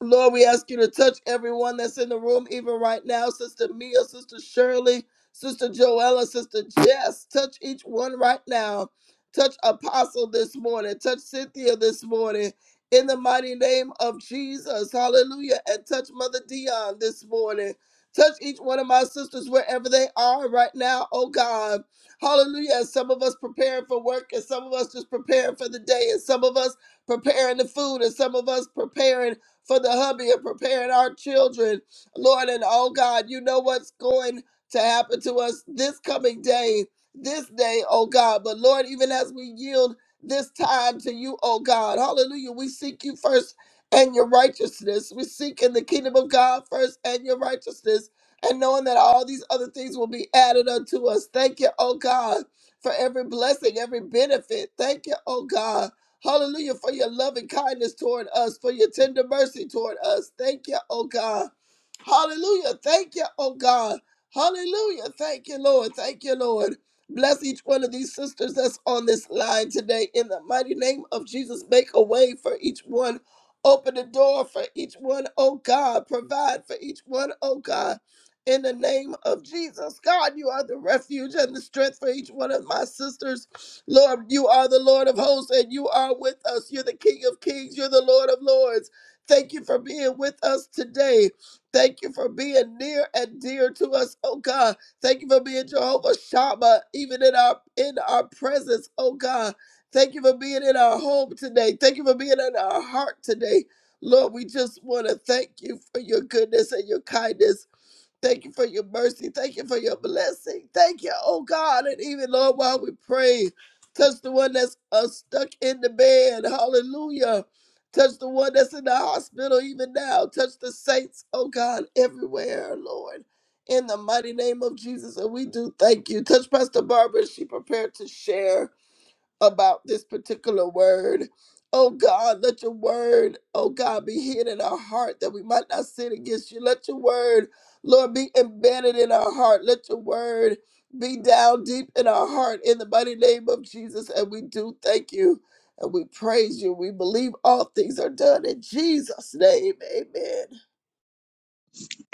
D: Lord, we ask you to touch everyone that's in the room, even right now. Sister Mia, Sister Shirley, Sister Joella, Sister Jess. Touch each one right now. Touch Apostle this morning. Touch Cynthia this morning. In the mighty name of Jesus. Hallelujah. And touch Mother Dion this morning. Touch each one of my sisters wherever they are right now, oh God. Hallelujah. As Some of us preparing for work, and some of us just preparing for the day, and some of us preparing the food, and some of us preparing for the hubby and preparing our children. Lord, and oh God, you know what's going to happen to us this coming day, this day, oh God. But Lord, even as we yield this time to you, oh God, hallelujah, we seek you first and your righteousness. We seek in the kingdom of God first and your righteousness. And knowing that all these other things will be added unto us. Thank you, oh God, for every blessing, every benefit. Thank you, oh God Hallelujah for your loving kindness toward us, for your tender mercy toward us. Thank you, oh God. Hallelujah. Thank you, oh God. Hallelujah. Thank you, Lord. Thank you, Lord. Bless each one of these sisters that's on this line today. In the mighty name of Jesus, make a way for each one. Open the door for each one, oh God. Provide for each one, oh God. In the name of Jesus. God, you are the refuge and the strength for each one of my sisters. Lord, you are the Lord of hosts and you are with us. You're the King of kings. You're the Lord of lords. Thank you for being with us today. Thank you for being near and dear to us, oh God. Thank you for being Jehovah Shammah, even in our in our presence, oh God. Thank you for being in our home today. Thank you for being in our heart today. Lord, we just want to thank you for your goodness and your kindness. Thank you for your mercy. Thank you for your blessing. Thank you, oh God. And even, Lord, while we pray, touch the one that's uh, stuck in the bed. Hallelujah. Touch the one that's in the hospital even now. Touch the saints, oh God, everywhere, Lord. In the mighty name of Jesus. And we do thank you. Touch Pastor Barbara. as She prepared to share about this particular word. Oh God, let your word, oh God, be hid in our heart that we might not sin against you. Let your word, Lord, be embedded in our heart. Let your word be down deep in our heart in the mighty name of Jesus. And we do thank you and we praise you. We believe all things are done in Jesus' name. Amen.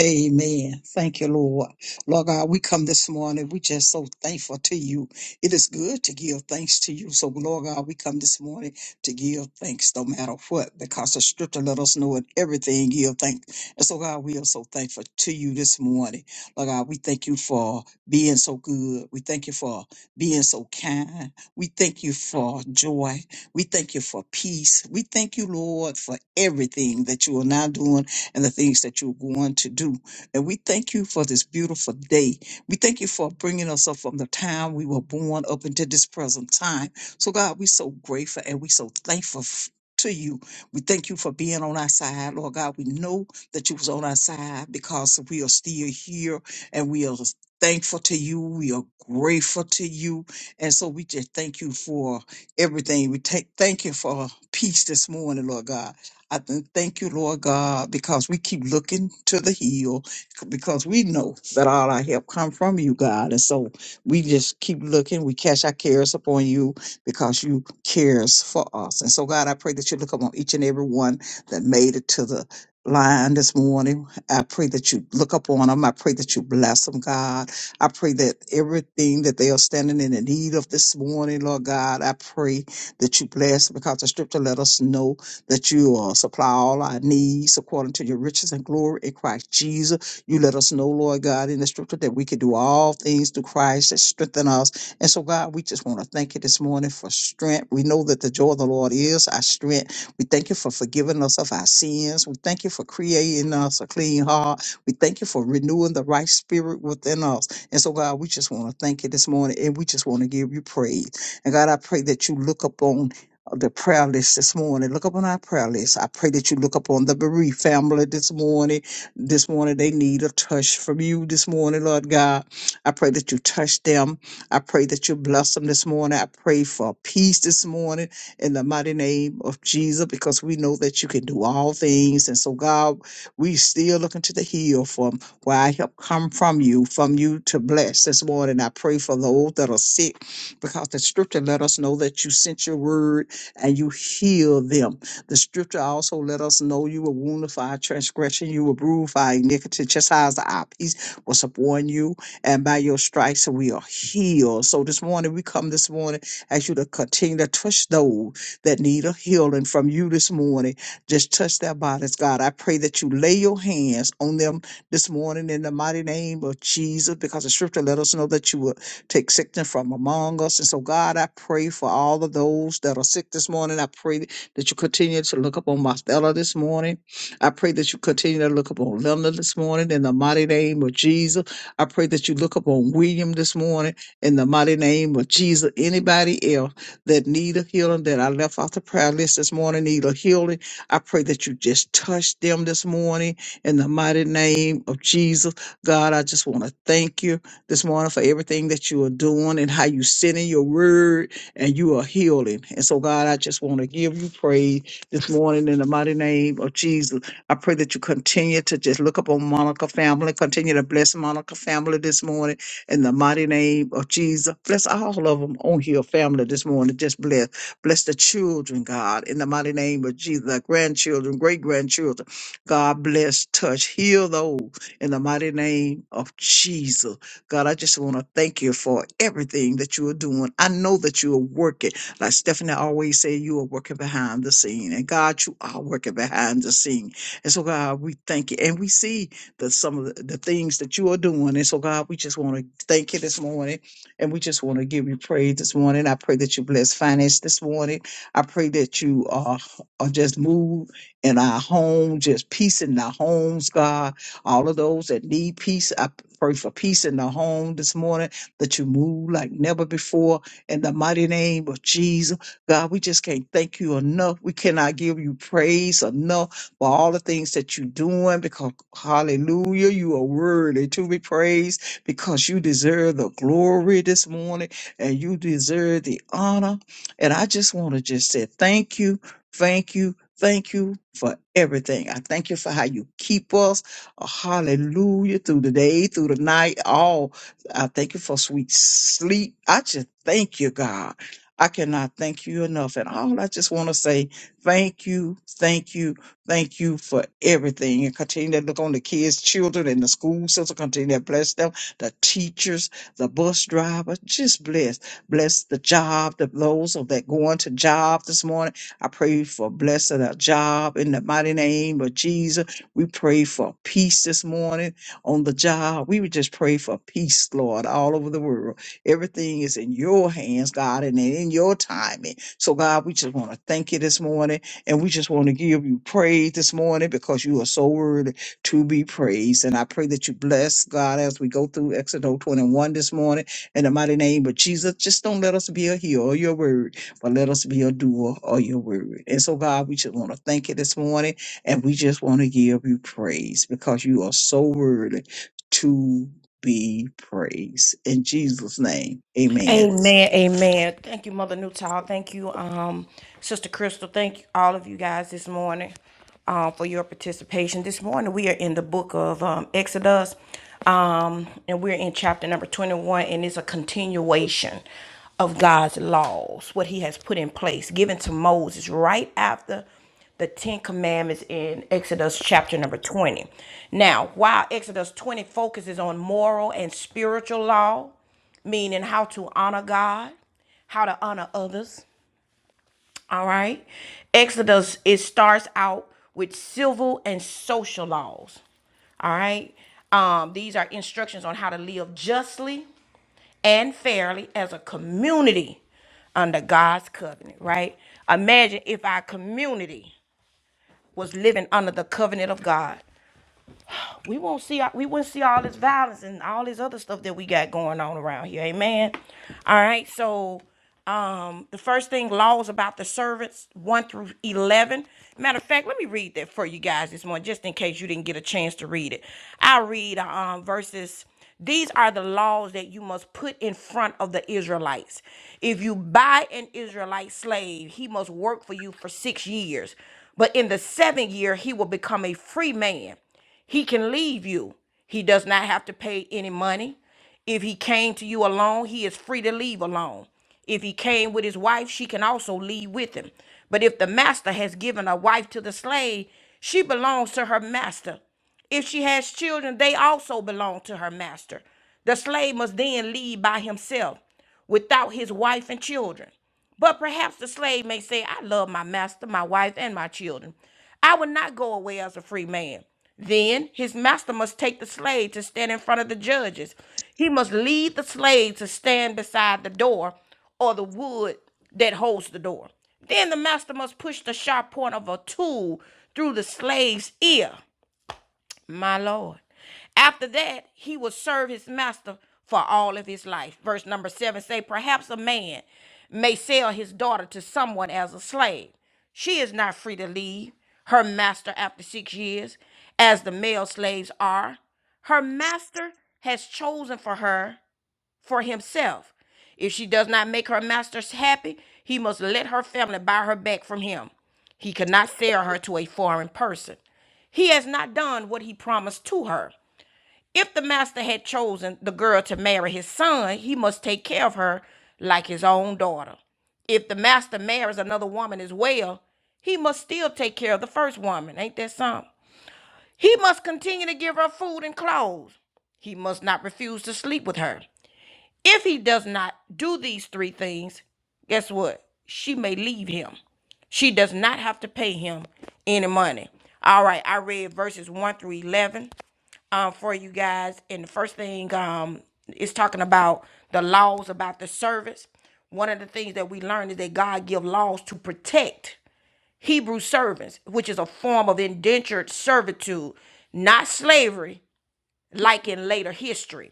B: Amen. Thank you, Lord. Lord God, we come this morning. We just so thankful to you. It is good to give thanks to you. So, Lord God, we come this morning to give thanks no matter what, because the scripture let us know in everything give thanks. And so, God, we are so thankful to you this morning. Lord God, we thank you for being so good. We thank you for being so kind. We thank you for joy. We thank you for peace. We thank you, Lord, for everything that you are now doing and the things that you're going to do. And we thank you for this beautiful day. We thank you for bringing us up from the time we were born up into this present time. So, God, we're so grateful and we're so thankful. f- To you. We thank you for being on our side. Lord God, we know that you was on our side because we are still here and we are thankful to you. We are grateful to you. And so we just thank you for everything. We take thank you for peace this morning, Lord God. I th- thank you, Lord God, because we keep looking to the hill, because we know that all our help come from you, God. And so we just keep looking. We cast our cares upon you because you cares for us. And so, God, I pray that you look upon each and every one that made it to the line this morning. I pray that you look upon them. I pray that you bless them, God. I pray that everything that they are standing in the need of this morning, Lord God, I pray that you bless because the scripture let us know that you uh, supply all our needs according to your riches and glory in Christ Jesus. You let us know, Lord God, in the scripture that we can do all things through Christ that strengthen us. And so, God, we just want to thank you this morning for strength. We know that the joy of the Lord is our strength. We thank you for forgiving us of our sins. We thank you for creating us a clean heart. We thank you for renewing the right spirit within us. And so, God, we just want to thank you this morning and we just want to give you praise. And God, I pray that you look upon the prayer list this morning. Look up on our prayer list. I pray that you look up on the bereaved family this morning. This morning, they need a touch from you this morning, Lord God. I pray that you touch them. I pray that you bless them this morning. I pray for peace this morning in the mighty name of Jesus because we know that you can do all things. And so, God, we still looking to the hill from where I help come from you, from you to bless this morning. I pray for those that are sick because the scripture let us know that you sent your word and you heal them. The scripture also let us know you were wounded for our transgression, you were bruised for our iniquity, chastised our peace was upon you, and by your stripes we are healed. So this morning we come this morning as you to continue to touch those that need a healing from you this morning. Just touch their bodies, God. I pray that you lay your hands on them this morning in the mighty name of Jesus, because the scripture let us know that you will Take sickness from among us. And so, God, I pray for all of those that are sick this morning. I pray that you continue to look upon Marcella this morning. I pray that you continue to look upon Linda this morning in the mighty name of Jesus. I pray that you look upon William this morning in the mighty name of Jesus. Anybody else that need a healing that I left off the prayer list this morning need a healing. I pray that you just touch them this morning in the mighty name of Jesus. God, I just want to thank you this morning for everything that you are doing and how you send in your word and you are healing. And so, God, I just want to give you praise this morning in the mighty name of Jesus. I pray that you continue to just look up on Monica family, continue to bless Monica family this morning in the mighty name of Jesus. Bless all of them on here, family this morning. Just bless. Bless the children, God, in the mighty name of Jesus, the grandchildren, great grandchildren. God bless, touch, heal those in the mighty name of Jesus. God, I just want to thank you for everything that you are doing. I know that you are working. Like Stephanie always say, you are working behind the scene. And God, you are working behind the scene. And so, God, we thank you. And we see the, some of the, the things that you are doing. And so, God, we just want to thank you this morning. And we just want to give you praise this morning. I pray that you bless finance this morning. I pray that you uh, are just move in our home, just peace in our homes, God all of those that need peace, I pray for peace in the home this morning, that you move like never before in the mighty name of Jesus. God, we just can't thank you enough. We cannot give you praise enough for all the things that you're doing because, hallelujah, you are worthy to be praised because you deserve the glory this morning and you deserve the honor. And I just want to just say thank you, thank you, thank you for everything. I thank you for how you keep us. Hallelujah. Through the day, through the night, all. I thank you for sweet sleep. I just thank you, God. I cannot thank you enough. And all I just want to say, thank you, thank you, thank you for everything. And continue to look on the kids, children, and the school system. Continue to bless them, the teachers, the bus driver. Just bless. Bless the job, the those of that going to job this morning. I pray for blessing a job in the mighty name of Jesus. We pray for peace this morning on the job. We would just pray for peace, Lord, all over the world. Everything is in your hands, God, and in your timing. So, God, we just want to thank you this morning, and we just want to give you praise this morning because you are so worthy to be praised. And I pray that you bless, God, as we go through Exodus 21 this morning. In the mighty name of Jesus, just don't let us be a hearer of your word, but let us be a doer of your word. And so, God, we just want to thank you this morning. And we just want to give you praise because you are so worthy to be praised. In Jesus' name, amen.
A: Amen, amen. Thank you, Mother Newtall. Thank you, um, Sister Crystal. Thank you, all of you guys this morning um, for your participation. This morning we are in the book of um, Exodus, um, and we're in chapter number 21, and it's a continuation of God's laws, what He has put in place, given to Moses right after the Ten Commandments in Exodus chapter number 20. Now, while Exodus 20 focuses on moral and spiritual law, meaning how to honor God, how to honor others. All right. Exodus, it starts out with civil and social laws. All right. Um, these are instructions on how to live justly and fairly as a community under God's covenant, right? Imagine if our community was living under the covenant of God we won't see we wouldn't see all this violence and all this other stuff that we got going on around here. Amen. All right. So um the first thing laws about the servants 1 through 11 matter of fact let me read that for you guys this morning just in case you didn't get a chance to read it i'll read um verses these are the laws that you must put in front of the israelites if you buy an israelite slave he must work for you for six years but in the seventh year he will become a free man he can leave you. He does not have to pay any money. If he came to you alone, he is free to leave alone. If he came with his wife, she can also leave with him. But if the master has given a wife to the slave, she belongs to her master. If she has children, they also belong to her master. The slave must then leave by himself without his wife and children. But perhaps the slave may say, I love my master, my wife, and my children. I will not go away as a free man. Then his master must take the slave to stand in front of the judges. He must lead the slave to stand beside the door or the wood that holds the door. Then the master must push the sharp point of a tool through the slave's ear. My Lord. After that, he would serve his master for all of his life. Verse number seven say, perhaps a man may sell his daughter to someone as a slave. She is not free to leave her master after six years, as the male slaves are. Her master has chosen for her for himself. If she does not make her masters happy, he must let her family buy her back from him. He cannot sell her to a foreign person. He has not done what he promised to her. If the master had chosen the girl to marry his son, he must take care of her like his own daughter. If the master marries another woman as well, he must still take care of the first woman. Ain't that something? He must continue to give her food and clothes. He must not refuse to sleep with her. If he does not do these three things, guess what? She may leave him. She does not have to pay him any money. All right, I read verses 1 through 11 um, for you guys. And the first thing um, is talking about the laws about the servants. One of the things that we learned is that God give laws to protect Hebrew servants, which is a form of indentured servitude, not slavery, like in later history.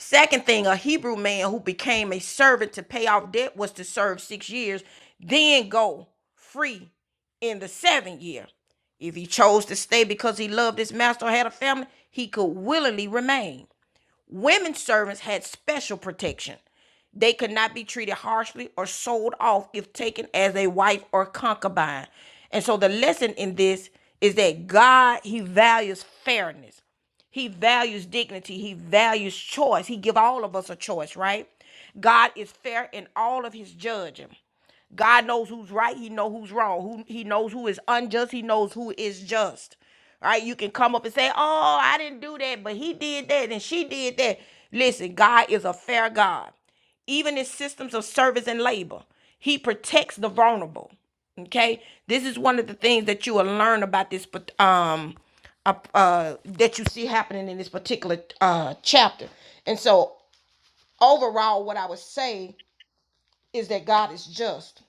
A: Second thing, a Hebrew man who became a servant to pay off debt was to serve six years, then go free in the seventh year. If he chose to stay because he loved his master or had a family, he could willingly remain. Women servants had special protection. They could not be treated harshly or sold off if taken as a wife or concubine. And so the lesson in this is that God, He values fairness. He values dignity. He values choice. He give all of us a choice, right? God is fair in all of his judging. God knows who's right. He knows who's wrong. Who he knows who is unjust. He knows who is just. All Right? You can come up and say, "Oh, I didn't do that, but he did that and she did that." Listen, God is a fair God. Even in systems of service and labor, He protects the vulnerable. Okay, this is one of the things that you will learn about this, um, uh, uh, that you see happening in this particular uh chapter. And so, overall, what I would say is that God is just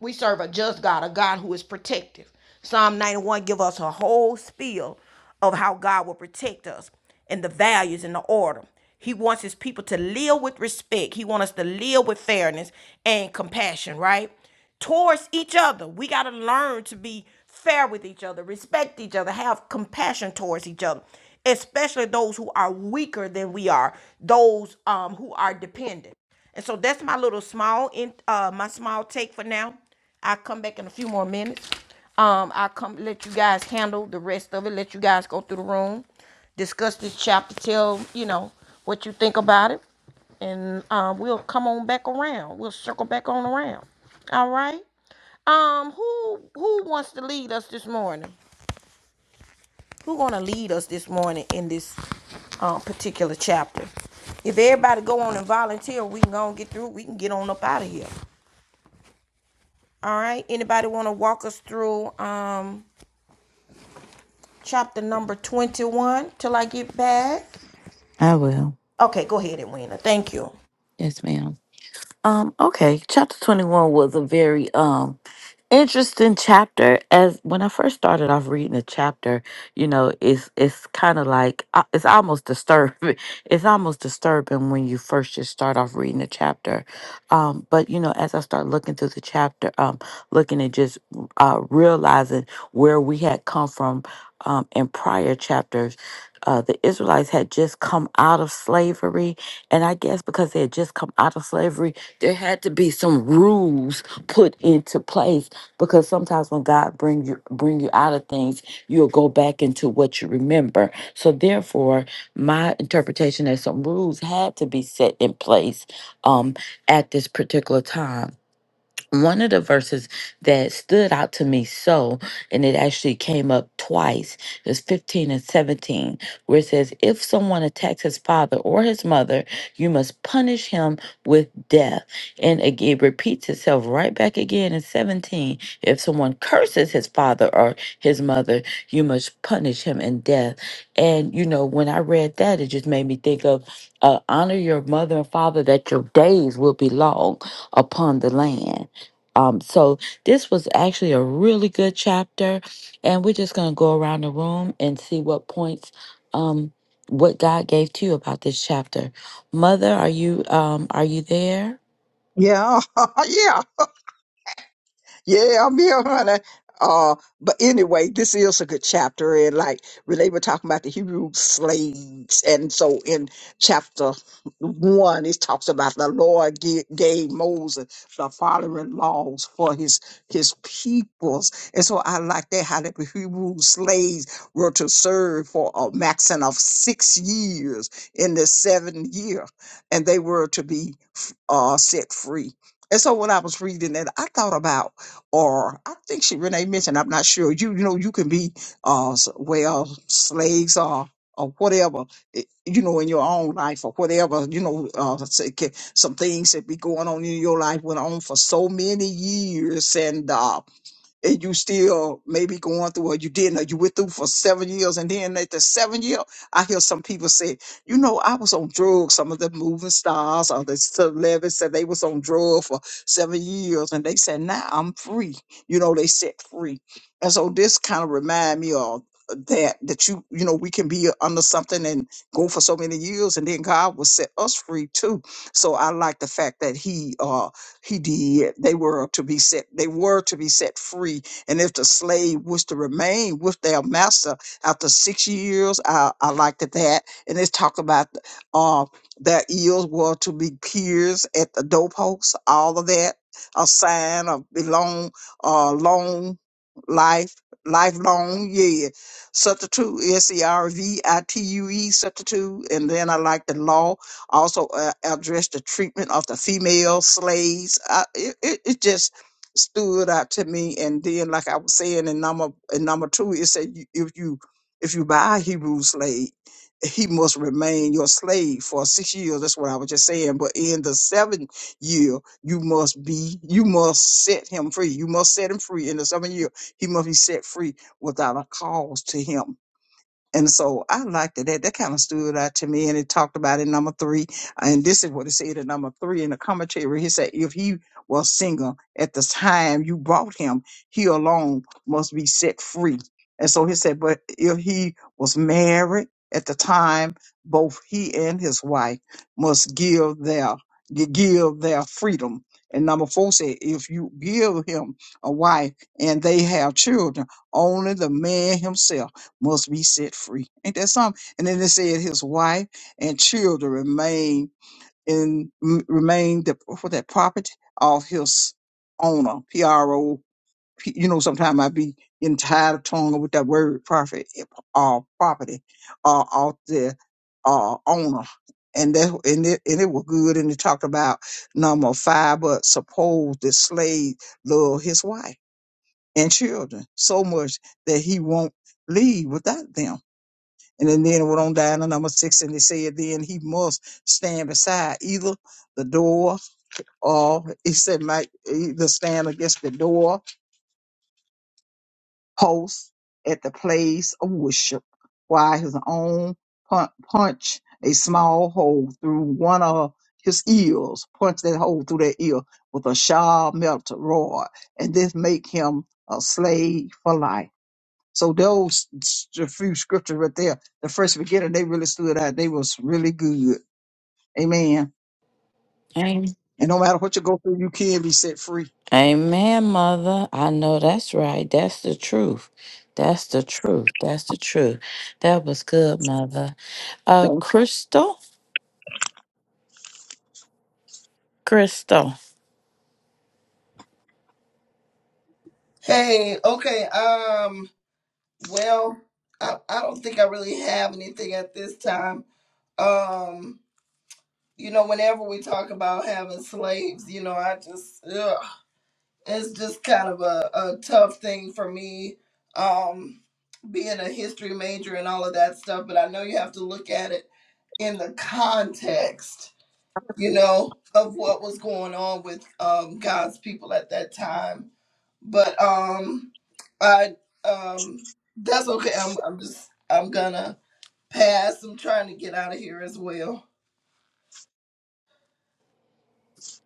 A: we serve a just God, a God who is protective. Psalm 91 give us a whole spiel of how God will protect us and the values and the order. He wants his people to live with respect. He wants us to live with fairness and compassion, right? Towards each other. We got to learn to be fair with each other, respect each other, have compassion towards each other, especially those who are weaker than we are, those um, who are dependent. And so that's my little small in uh my small take for now. I'll come back in a few more minutes. Um, I'll come let you guys handle the rest of it, let you guys go through the room, discuss this chapter, tell you know what you think about it, and um, we'll come on back around. We'll circle back on around. All right. Um, who who wants to lead us this morning? who's going to lead us this morning in this uh, particular chapter. If everybody go on and volunteer, we can go and get through. We can get on up out of here. All right. Anybody want to walk us through um, chapter number 21 till I get back?
C: I will.
A: Okay, go ahead, Edwina. Thank you.
C: Yes, ma'am. Um, okay. Chapter 21 was a very, um. interesting chapter as when i first started off reading the chapter you know it's it's kind of like uh, it's almost disturbing it's almost disturbing when you first just start off reading the chapter um but you know as i start looking through the chapter um looking at just uh realizing where we had come from um in prior chapters uh, the Israelites had just come out of slavery, and I guess because they had just come out of slavery, there had to be some rules put into place because sometimes when God bring you bring you out of things, you'll go back into what you remember. So therefore, my interpretation that some rules had to be set in place um, at this particular time one of the verses that stood out to me so, and it actually came up twice, is 15 and 17, where it says, If someone attacks his father or his mother, you must punish him with death. And again, it repeats itself right back again in 17. If someone curses his father or his mother, you must punish him in death. And, you know, when I read that, it just made me think of uh, honor your mother and father that your days will be long upon the land um, so this was actually a really good chapter, and we're just gonna go around the room and see what points, um, what God gave to you about this chapter. Mother, are you um, are you there?
B: Yeah, yeah. Yeah, I'm here, honey. Uh, but anyway, this is a good chapter, and like Renee were talking about the Hebrew slaves, and so in chapter one, it talks about the Lord ga- gave Moses the following laws for his his peoples, and so I like that how the Hebrew slaves were to serve for a maximum of six years in the seventh year, and they were to be f- uh, set free. And so when I was reading that, I thought about or I think she Renee mentioned, I'm not sure. You, you know, you can be uh s- well slaves or or whatever, eh, you know, in your own life or whatever, you know, uh, let's say, ca- some things that be going on in your life went on for so many years. And, uh and you still maybe going through or you didn't or you went through for seven years and then at the seven year i hear some people say you know i was on drugs some of the moving stars or the celebrities said they was on drugs for seven years and they said now i'm free you know they set free and so this kind of remind me of uh, that that you you know we can be under something and go for so many years and then god will set us free too so i like the fact that he uh he did. They were to be set. They were to be set free. And if the slave was to remain with their master after six years, I, I liked it that. And it's talk about uh, their ears were to be pierced at the doorpost. All of that, a sign of belong, uh, long life, lifelong. Yeah, substitute S E R V I T U E substitute. And then I like the law. Also uh, addressed the treatment of the female slaves. I, it, it, it just stood out to me. And then, like I was saying in number in number two, it said you- if you if you buy a Hebrew slave, he must remain your slave for six years. That's what I was just saying. But in the seventh year, you must be, you must set him free. You must set him free in the seventh year. He must be set free without a cause to him. And so I liked it. That that kind of stood out to me. And it talked about in number three. And this is what it said in number three in the commentary. He said, if he was single at the time you brought him, he alone must be set free. And so he said, but if he was married at the time, both he and his wife must give their give their freedom. And number four said, if you give him a wife and they have children, only the man himself must be set free. Ain't that something? And then it said his wife and children remain in m- remain the for that property of his owner. P R O P. You know, sometimes I be in tired of tongue with that word profit uh, property uh, of the uh, owner. And that and it, and it was good. And it talked about number five, but suppose the slave loved his wife and children so much that he won't leave without them and then, then it went on down to number six, and they said then he must stand beside either the door or he said might either stand against the door post at the place of worship, while his own pun- punch a small hole through one of his ears, punch that hole through that ear with a sharp metal rod, and this make him a slave for life. So those s- a few scriptures right there, the first beginning, they really stood out. They was really good. Amen.
C: Amen.
B: And no matter what you go through, you can be set free.
C: Amen, mother. I know that's right. That's the truth. That's the truth. That's the truth. That was good, mother. Uh,
B: So,
C: Crystal, Crystal.
D: Hey, okay. Um, well, I, I don't think I really have anything at this time. Um, you know, whenever we talk about having slaves, you know, I just ugh, it's just kind of a, a tough thing for me, um, being a history major and all of that stuff. But I know you have to look at it in the context, you know, of what was going on with um, God's people at that time. But um, I um, that's okay. I'm I'm just I'm gonna pass. I'm trying to get out of here as well.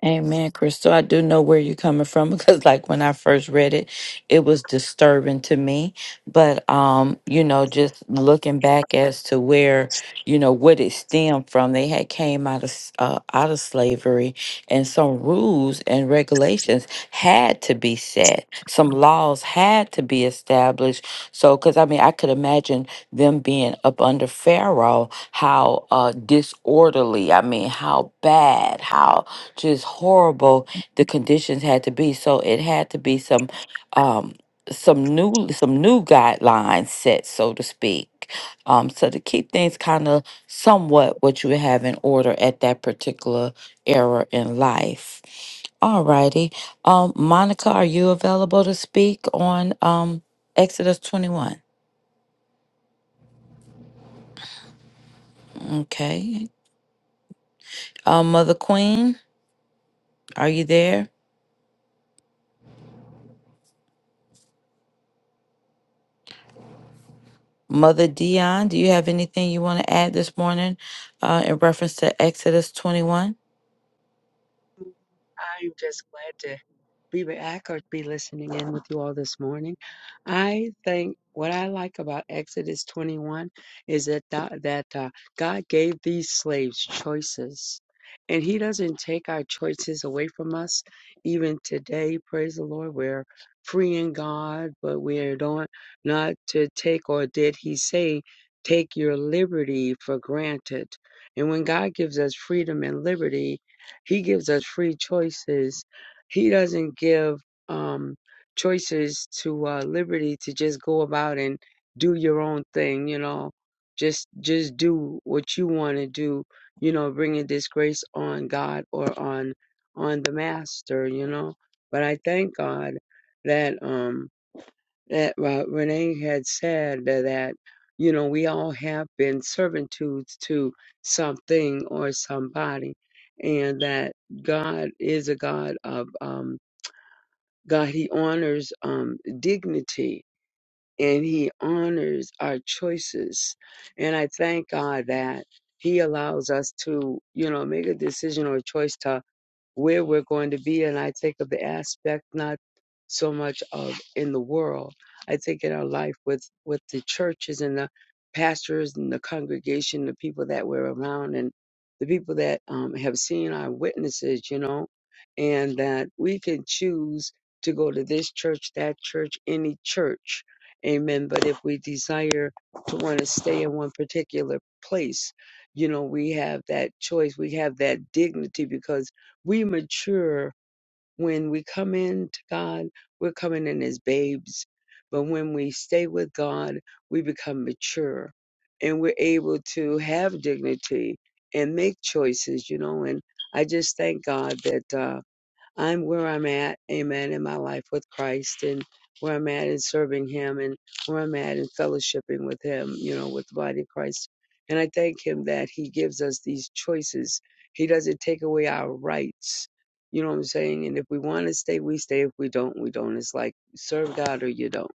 C: Amen, Crystal. I do know where you're coming from because like when I first read it, it was disturbing to me. But um, you know, just looking back as to where, you know, what it stemmed from, they had came out of s- uh, out of slavery and some rules and regulations had to be set. Some laws had to be established. So cuz I mean, I could imagine them being up under Pharaoh how uh disorderly, I mean, how bad, how just horrible the conditions had to be. So it had to be some um some new some new guidelines set, so to speak. Um, so to keep things kind of somewhat what you have in order at that particular era in life. All righty. Um, Monica, are you available to speak on um Exodus 21? Okay. Um, Mother Queen, are you there? Mother Dion, do you have anything you want to add this morning uh, in reference to Exodus 21?
E: I'm just glad to be back or be listening in with you all this morning. I think what I like about Exodus 21 is that tha- that uh, God gave these slaves choices, and He doesn't take our choices away from us. Even today, praise the Lord, we're free in God, but we don't not to take or did He say take your liberty for granted? And when God gives us freedom and liberty, He gives us free choices he doesn't give um, choices to uh, liberty to just go about and do your own thing. You know, just just do what you want to do. You know, bringing disgrace on God or on on the Master. You know, but I thank God that um that uh, Renee had said that, that you know we all have been servitudes to something or somebody and that God is a God of um, God, He honors um, dignity and He honors our choices. And I thank God that He allows us to, you know, make a decision or a choice to where we're going to be. And I take up the aspect not so much of in the world. I take in our life with with the churches and the pastors and the congregation, the people that we're around, and the people that um, have seen our witnesses. You know, and that we can choose to go to this church, that church, any church. Amen. But if we desire to want to stay in one particular place, you know, we have that choice. We have that dignity because we mature when we come in to God, we're coming in as babes. But when we stay with God, we become mature and we're able to have dignity and make choices, you know. And I just thank God that uh, I'm where I'm at, amen, in my life with Christ and where I'm at in serving Him and where I'm at in fellowshipping with Him, you know, with the body of Christ. And I thank Him that He gives us these choices. He doesn't take away our rights. You know what I'm saying? And if we want to stay, we stay. If we don't, we don't. It's like serve God or you don't,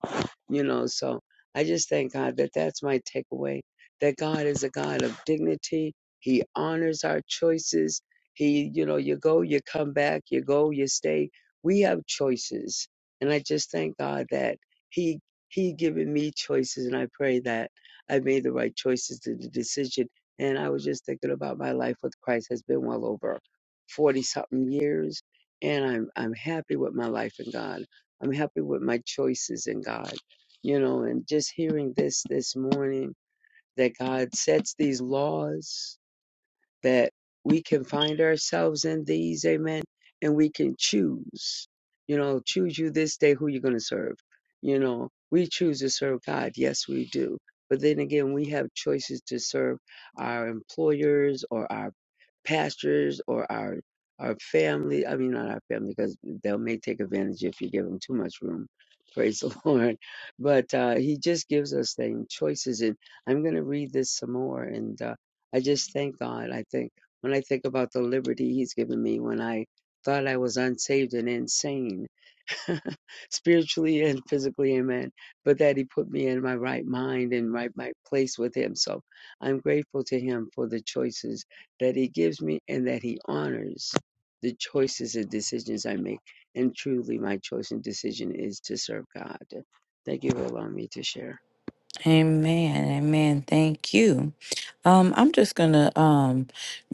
E: you know. So I just thank God that that's my takeaway that God is a God of dignity. He honors our choices he, you know, you go, you come back, you go, you stay. We have choices. And I just thank God that He He given me choices and I pray that I made the right choices to the decision. And I was just thinking about my life with Christ has been well over forty something years. And I'm I'm happy with my life in God. I'm happy with my choices in God. You know, and just hearing this this morning that God sets these laws that we can find ourselves in these, amen, and we can choose, you know, choose you this day who you're going to serve. You know, we choose to serve God. Yes, we do. But then again, we have choices to serve our employers or our pastors or our our family. I mean, not our family because they'll may take advantage if you give them too much room. Praise the Lord. But uh, He just gives us things, choices. And I'm going to read this some more. And uh, I just thank God. I think when I think about the liberty He's given me when I thought I was unsaved and insane, spiritually and physically, amen. But that he put me in my right mind and right my place with him. So I'm grateful to him for the choices that he gives me and that he honors the choices and decisions I make. And truly, my choice and decision is to serve God. Thank you for allowing me to share.
C: Amen. Amen. Thank you. Um, I'm just gonna um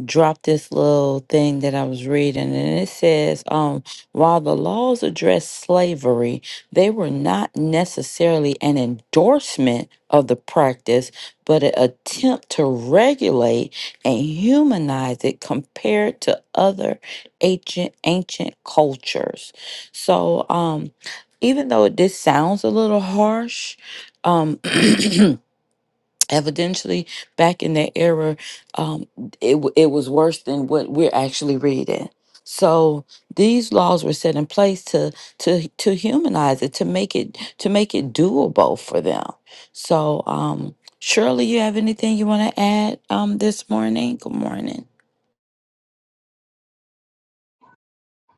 C: drop this little thing that I was reading, and it says, um, while the laws addressed slavery, they were not necessarily an endorsement of the practice, but an attempt to regulate and humanize it compared to other ancient ancient cultures. So, um, even though this sounds a little harsh, um evidentially back in that era um it, w- it was worse than what we're actually reading so these laws were set in place to to to humanize it to make it to make it doable for them so um shirley you have anything you want to add um this morning good morning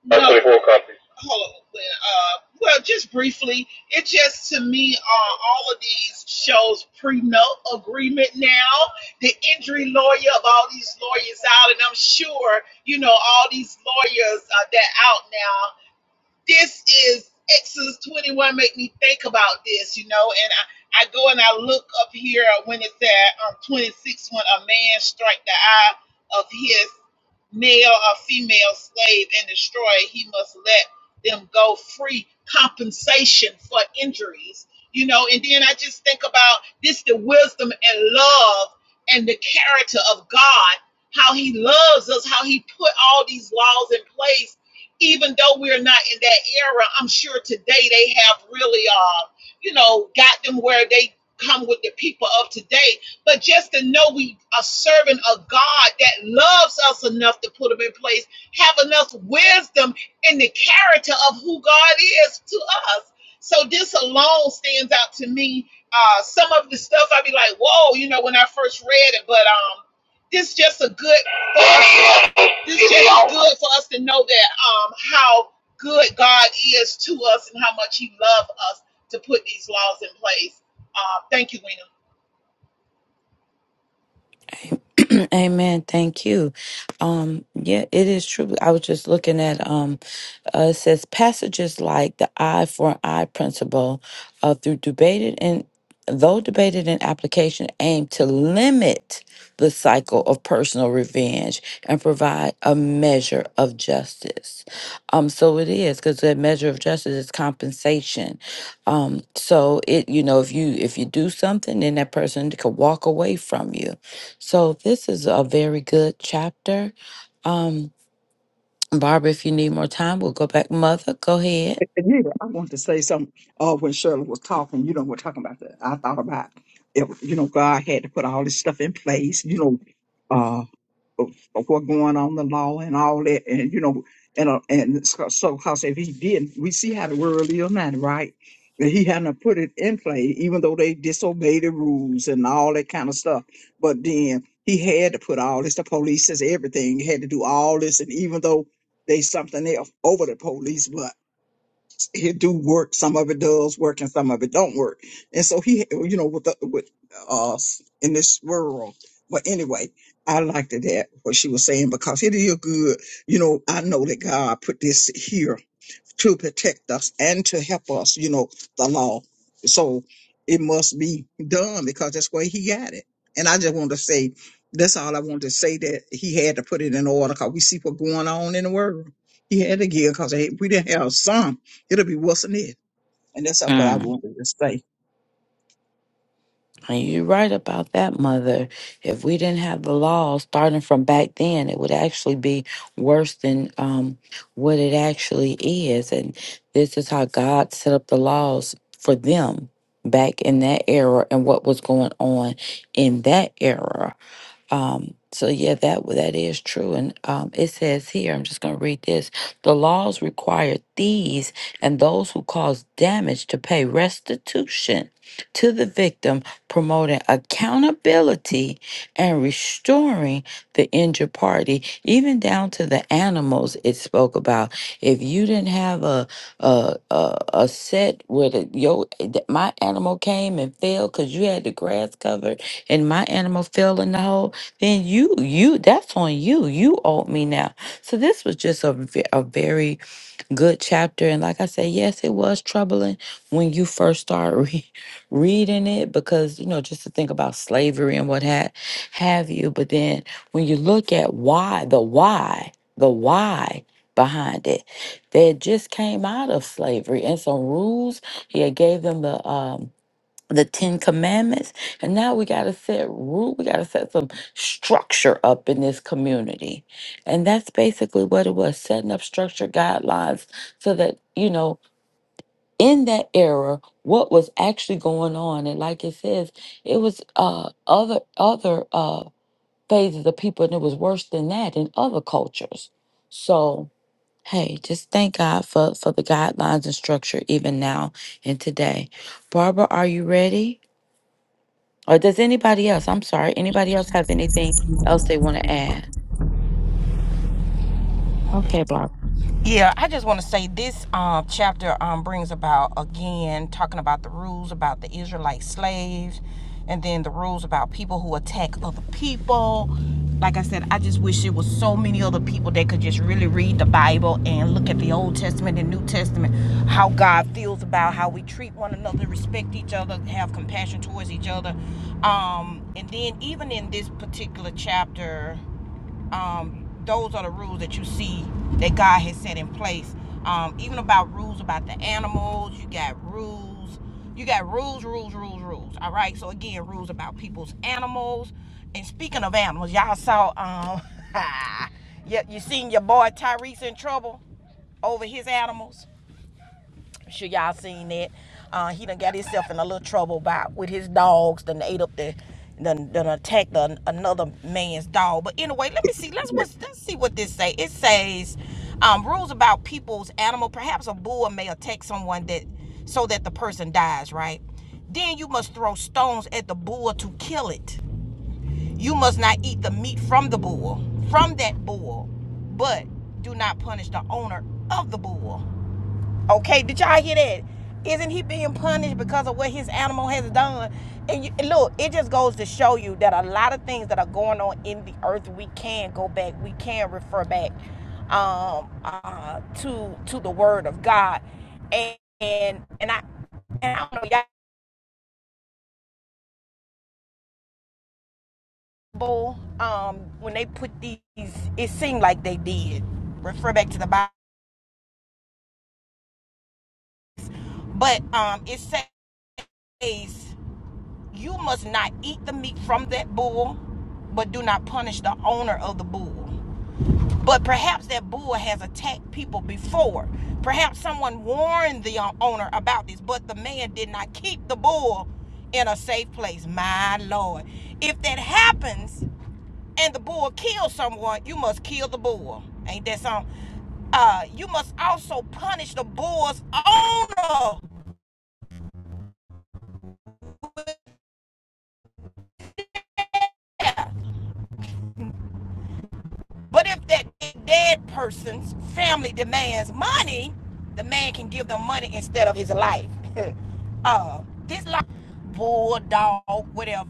F: No, Actually, four copies. hold on. Uh, well, just briefly, it just to me, uh, all of these shows prenuptial agreement now. The injury lawyer of all these lawyers out, and I'm sure you know all these lawyers uh, that out now this is Exodus 21 make me think about this, you know, and I, I go and I look up here when it's at um, 26 when a man strike the eye of his male or female slave and destroy it, he must let them go free compensation for injuries, you know, and then I just think about this the wisdom and love and the character of God, how he loves us, how he put all these laws in place even though we're not in that era, I'm sure today they have really, uh, you know, got them where they come with the people of today. But just to know we are serving a God that loves us enough to put them in place, have enough wisdom in the character of who God is to us. So this alone stands out to me. Uh, some of the stuff I'd be like, whoa, you know, when I first read it, but um, this just a good this is just good for us to know that um how good God is to us and how much He loves us to put these laws in place. Uh, thank you, Wena.
C: Amen. Thank you. Um, yeah, it is true. I was just looking at um, uh, it says passages like the eye for an eye principle, uh, through debated and though debated in application, aim to limit the cycle of personal revenge and provide a measure of justice. Um, so it is because that measure of justice is compensation. Um, so it, you know, if you if you do something, then that person could walk away from you so this is a very good chapter. Um, Barbara, if you need more time, we'll go back. Mother, go ahead.
B: and yeah, I want to say something. Uh, when Shirley was talking, you know, we're talking about that. I thought about, it, you know, God had to put all this stuff in place, you know, uh, of, of what going on in the law and all that, and you know, and uh, and so, so cause if he didn't, we see how the world is now, right? That he hadn't put it in play, even though they disobeyed the rules and all that kind of stuff. But then he had to put all this. The police says everything he had to do all this, and even though they something else over the police, it's, it do work. Some of it does work, and some of it don't work. And so he, you know, with the, with us in this world. But anyway, I liked it that what she was saying because it is good. You know, I know that God put this here to protect us and to help us, you know, the law. So it must be done because that's where he got it. And I just want to say, that's all I wanted to say that he had to put it in order because we see what's going on in the world. He had to give because if we didn't have some, it'll be worse than it. And that's what I
C: Mm.
B: wanted to say.
C: And you're right about that, Mother. If we didn't have the law starting from back then, it would actually be worse than um, what it actually is. And this is how God set up the laws for them back in that era and what was going on in that era. Um, so yeah, that that is true, and um, it says here. I'm just going to read this. The laws require thieves and those who cause damage to pay restitution to the victim, promoting accountability and restoring the injured party, even down to the animals it spoke about. If you didn't have a a a, a set where the yo my animal came and fell because you had the grass covered and my animal fell in the hole then you you that's on you you owe me now so this was just a, ve- a very good chapter and like i said yes it was troubling when you first start re- reading it because you know just to think about slavery and what had have you but then when you look at why the why the why behind it they had just came out of slavery and some rules he had gave them the um the Ten Commandments. And now we got to set rule. We got to set some structure up in this community. And that's basically what it was setting up structure guidelines so that, you know, in that era, what was actually going on. And like it says, it was uh, other, other uh, phases of people, and it was worse than that in other cultures. So, hey, just thank God for, for the guidelines and structure even now and today. Barbara, are you ready? Or does anybody else, I'm sorry, anybody else have anything else they want to add? Okay, Barb.
A: Yeah, I just want to say this um, chapter um, brings about again talking about the rules about the Israelite slaves, and then the rules about people who attack other people. Like I said, I just wish there was so many other people that could just really read the Bible and look at the Old Testament and New Testament, how God feels about how we treat one another, respect each other, have compassion towards each other, um, and then even in this particular chapter um, those are the rules that you see that God has set in place. Um, even about rules about the animals, you got rules, you got rules, rules, rules, rules. All right. So again, rules about people's animals. And speaking of animals, y'all saw um, you, you seen your boy Tyrese in trouble over his animals. I'm sure y'all seen that. Uh, he done got himself in a little trouble about with his dogs. Done ate up the, done, done attacked an another man's dog. But anyway, let me see. Let's what's, let's see what this say. It says um, rules about people's animal. Perhaps a bull may attack someone that so that the person dies. Right. Then you must throw stones at the bull to kill it. You must not eat the meat from the bull, from that bull, but do not punish the owner of the bull. Okay, did y'all hear that? Isn't he being punished because of what his animal has done? And, you, and look, it just goes to show you that a lot of things that are going on in the earth, we can go back, we can refer back um, uh, to to the Word of God, and and, and I and I don't know y'all. Bible, Um, when they put these, it seemed like they did refer back to the Bible, but um, it says. You must not eat the meat from that bull, but do not punish the owner of the bull. But perhaps that bull has attacked people before. Perhaps someone warned the uh, owner about this, but the man did not keep the bull in a safe place. My Lord. If that happens and the bull kills someone, you must kill the bull. Ain't that something? Uh, you must also punish the bull's owner But if that dead person's family demands money, the man can give them money instead of his life. uh, this life, bulldog, whatever.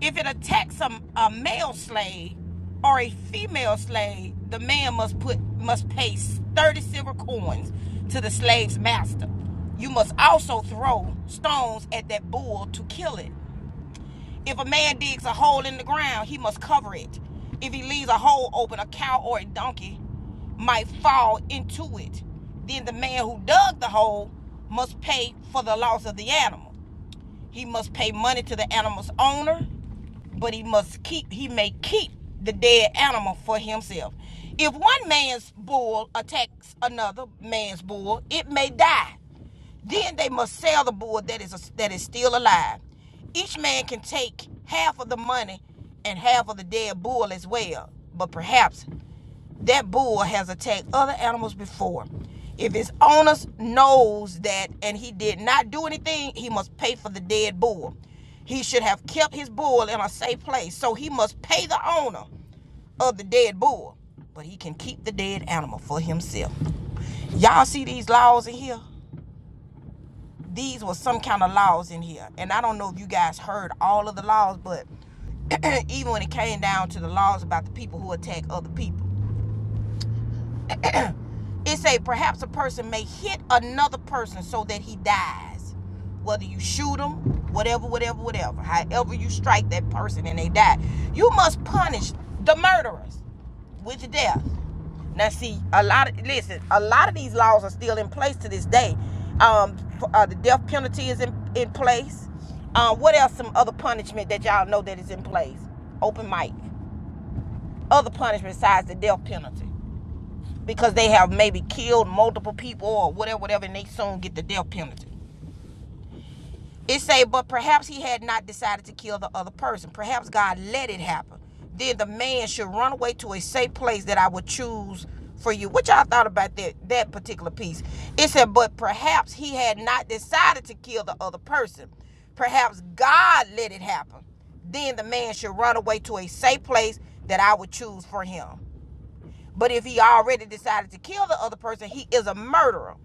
A: If it attacks a, a male slave or a female slave, the man must put must pay thirty silver coins to the slave's master. You must also throw stones at that bull to kill it. If a man digs a hole in the ground, he must cover it. If he leaves a hole open, a cow or a donkey might fall into it. Then the man who dug the hole must pay for the loss of the animal. He must pay money to the animal's owner, but he must keep he may keep the dead animal for himself. If one man's bull attacks another man's bull, it may die. Then they must sell the bull that is a, that is still alive. Each man can take half of the money and half of the dead bull as well. But perhaps that bull has attacked other animals before. If his owner knows that and he did not do anything, he must pay for the dead bull. He should have kept his bull in a safe place, so he must pay the owner of the dead bull. But he can keep the dead animal for himself. Y'all see these laws in here? these were some kind of laws in here. And I don't know if you guys heard all of the laws, but even when it came down to the laws about the people who attack other people. It say perhaps a person may hit another person so that he dies. Whether you shoot him, whatever, whatever, whatever. However you strike that person and they die, you must punish the murderers with death. Now, see, a lot of listen, a lot of these laws are still in place to this day. Um, uh, the death penalty is in, in place. Uh, what else? Some other punishment that y'all know that is in place? Open mic. Other punishment besides the death penalty because they have maybe killed multiple people or whatever, whatever, and they soon get the death penalty. It say, but perhaps he had not decided to kill the other person. Perhaps God let it happen. Then the man should run away to a safe place that I would choose for you. What y'all thought about that that particular piece? It said, but perhaps he had not decided to kill the other person. Perhaps God let it happen. Then the man should run away to a safe place that I would choose for him. But if he already decided to kill the other person, he is a murderer.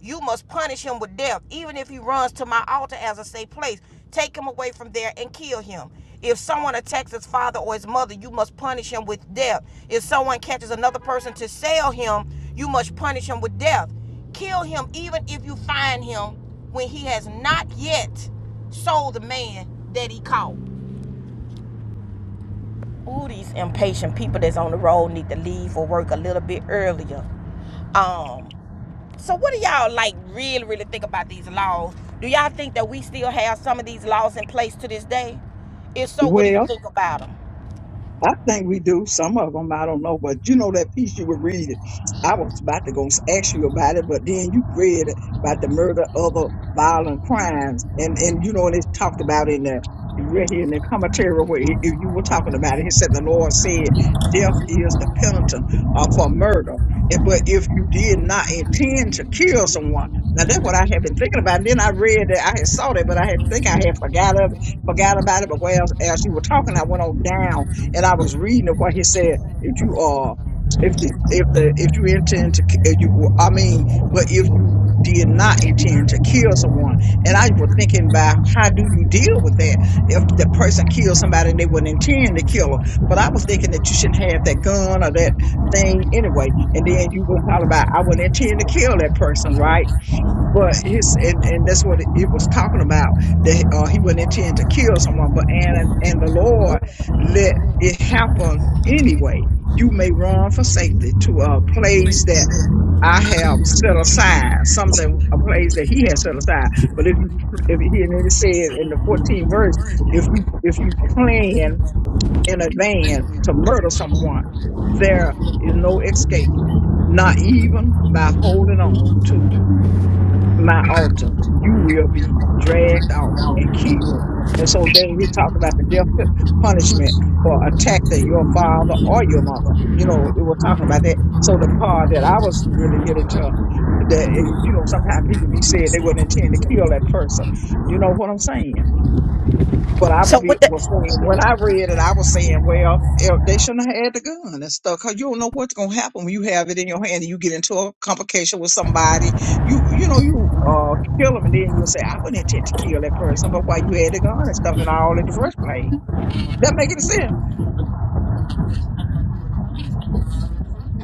A: You must punish him with death, even if he runs to my altar as a safe place. Take him away from there and kill him. If someone attacks his father or his mother, you must punish him with death. If someone catches another person to sell him, you must punish him with death. Kill him even if you find him when he has not yet sold the man that he caught. Ooh, these impatient people that's on the road need to leave for work a little bit earlier. Um, so what do y'all like really, really think about these laws? Do y'all think that we still have some of these laws in place to this day? If so, what do you
B: Well,
A: think about them?
B: I think we do. Some of them, I don't know. But you know that piece you were reading. I was about to go s- ask you about it, but then you read about the murder, other violent crimes, and and you know, and it's talked about in the right here in the commentary where he- if you were talking about it. He said the Lord said, "Death
A: Thank
B: is the penalty uh, for murder." And but if you did not intend to kill someone, now that's what I had been thinking about. And then I read that I had saw that, but I had think I had forgot of it, forgot about it. But well, as you were talking, I went on down and I was reading it where he said, if you are, if the if the if you intend to, ki- if you, well, I mean, but if you did not intend to kill someone, and I was thinking about how do you deal
A: you.
B: with that
A: Anyway, you may now sing the
B: if the person kills somebody and they
A: song.
B: wouldn't intend to kill them. But I was thinking that you shouldn't have that gun or that thing anyway, and then you gonna holler about I wouldn't intend to kill that person, right? but his and and that's what it it was talking about that uh, he wouldn't intend to kill someone but and and the lord let it happened anyway. You may run for safety to a place
A: Please
B: that
A: stand.
B: I
A: I
B: have
A: am
B: set aside, something a place that he has set aside. But if you if he and it said in the
A: the king of
B: 14th verse,
A: the
B: if
A: jungle.
B: you if you plan in advance to murder someone, there is no escape, not even by holding on to my altar, you will be dragged off and killed. And so then he talked about the death pu- punishment for attacking your father or your mother. You know, it was talking about that. So the part that I was really getting to, that eh, you know, sometimes people be saying they wouldn't intend to kill that person. You know what I'm saying? But I would
A: So would
B: be
A: that
B: was saying when I read it, I was saying, well, eh, they shouldn't have had the gun and stuff, 'cause you don't know what's gonna happen when you have it in your hand and you get into a complication with somebody. You you know you uh kill them and then you'll say I wouldn't intend to kill that person, but why you had the gun and stuff and all at the first place? That make any sense?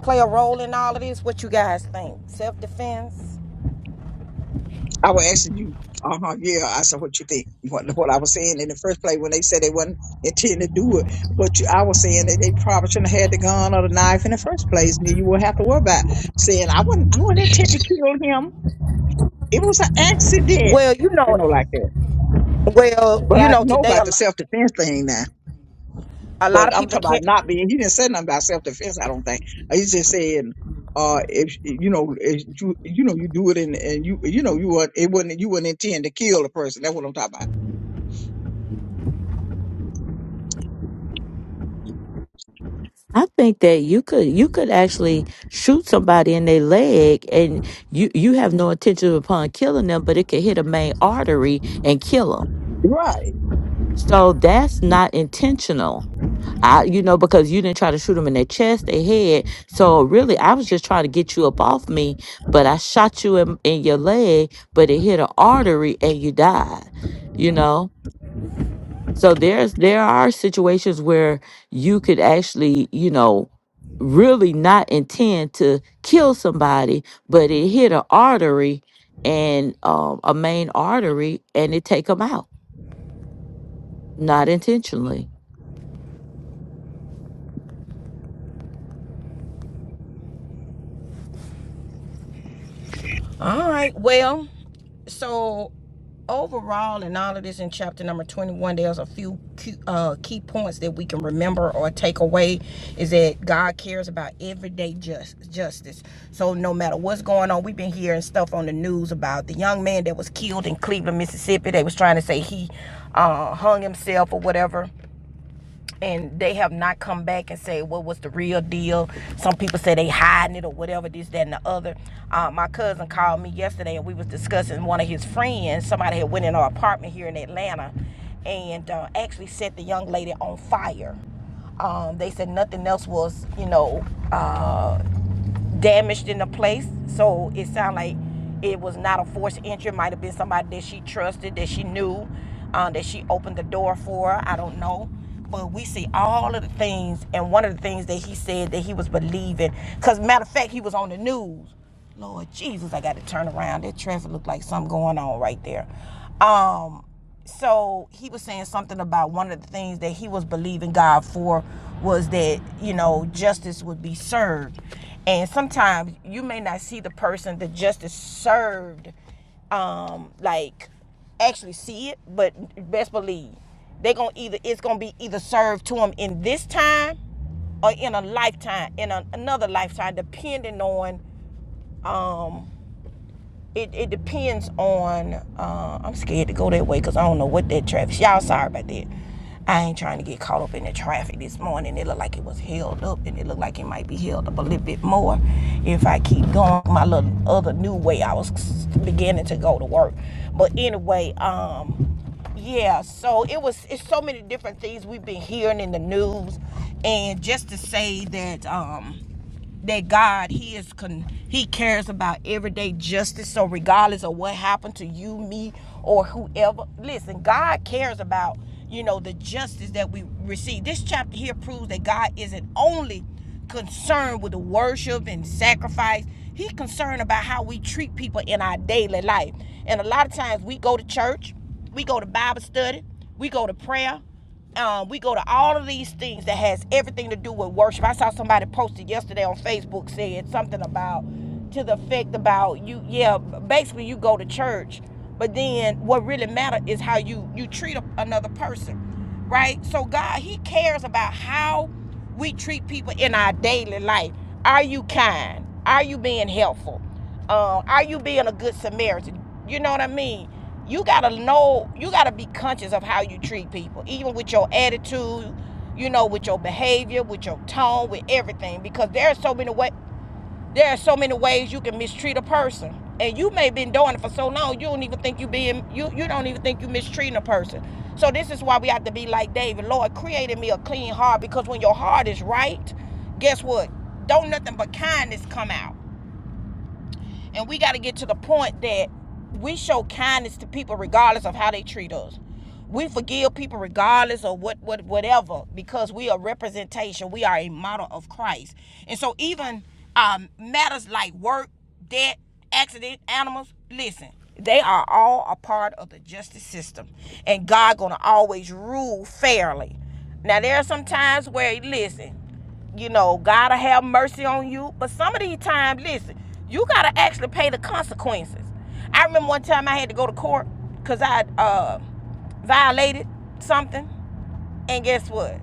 A: play a role in all of this? What you guys think? Self defense?
B: I was asking you, uh huh, yeah. I said, what you think? What, what I was saying in the first place when they said they wasn't intending to do it, but you, I was saying that they probably shouldn't have had the gun or the knife in the first place, and then you would have to worry about saying I wouldn't, I wouldn't attempt to kill him. It was an accident,
A: Well, you
B: you
A: know,
B: know, like that.
A: well,
B: But
A: you
B: I
A: know,
B: know
A: today
B: about
A: a
B: the
A: lot,
B: self defense thing now.
A: a lot
B: But
A: of
B: I'm
A: people
B: talking about
A: can't.
B: not being. He didn't say nothing about self defense. I don't think Uh, he just saying, uh, if you know, if you you know, you do it and and you you know, you would it wouldn't you wouldn't intend to kill the person. That's what I'm talking about.
C: I think that you could you could actually shoot somebody in their leg and you you have no intention upon killing them, but it could hit a main artery and kill them.
B: Right.
C: So that's not intentional. I you know because you didn't try to shoot them in their chest, their head. So really, I was just trying to get you up off me, but I shot you in, in your leg, but it hit an artery and you died. You know. So there's there are situations where you could actually, you know, really not intend to kill somebody, but it hit an artery and um, a main artery, and it take them out, not intentionally.
A: All right, well. so overall in all of this in chapter number 21 there's a few key, uh, key points that we can remember or take away is that god cares about everyday just justice so no matter what's going on we've been hearing stuff on the news about the young man that was killed in cleveland mississippi they was trying to say he uh, hung himself or whatever and they have not come back and say "Well, what's the real deal. Some people say they hiding it or whatever, this, that, and the other. Uh, my cousin called me yesterday and we was discussing one of his friends. Somebody had went in our apartment here in Atlanta and uh, actually set the young lady on fire. Um, they said nothing else was, you know, uh, damaged in the place. So it sounded like it was not a forced entry. It might have been somebody that she trusted, that she knew, uh, that she opened the door for. I don't know. But we see all of the things, and one of the things that he said that he was believing, because matter of fact, he was on the news. Lord Jesus, I got to turn around. That traffic looked like something going on right there. Um, so he was saying something about one of the things that he was believing God for was that you know justice would be served, and sometimes you may not see the person that justice served, um, like actually see it, but best believe they are gonna either it's gonna be either served to them in this time or in a lifetime, in a, another lifetime, depending on um it, it depends on uh, i'm scared to go that way because i don't know what that traffic y'all sorry about that i ain't trying to get caught up in the traffic this morning it looked like it was held up and it looked like it might be held up a little bit more if i keep going my little other new way i was beginning to go to work but anyway um yeah so it was it's so many different things we've been hearing in the news and just to say that um that God he is con- he cares about everyday justice so regardless of what happened to you me or whoever listen God cares about you know the justice that we receive this chapter here proves that God isn't only concerned with the worship and sacrifice he's concerned about how we treat people in our daily life and a lot of times we go to church we go to Bible study we go to prayer um, we go to all of these things that has everything to do with worship. I saw somebody posted yesterday on Facebook saying something about to the effect about you yeah basically you go to church but then what really matters is how you you treat a, another person right so god he cares about how we treat people in our daily life are you kind are you being helpful um, are you being a good samaritan you know what i mean you gotta know you gotta be conscious of how you treat people even with your attitude you know with your behavior with your tone with everything because there are so many way there are so many ways you can mistreat a person and you may have been doing it for so long you don't even think you being you you don't even think you mistreating a person so this is why we have to be like david lord created me a clean heart because when your heart is right guess what don't nothing but kindness come out and we got to get to the point that we show kindness to people regardless of how they treat us. We forgive people regardless of what, what whatever because we are representation. We are a model of Christ. And so even um, matters like work, debt, accident, animals, listen, they are all a part of the justice system. And God gonna always rule fairly. Now there are some times where listen, you know, God will have mercy on you. But some of these times, listen, you gotta actually pay the consequences. I remember one time I had to go to court because I uh, violated something, and guess what?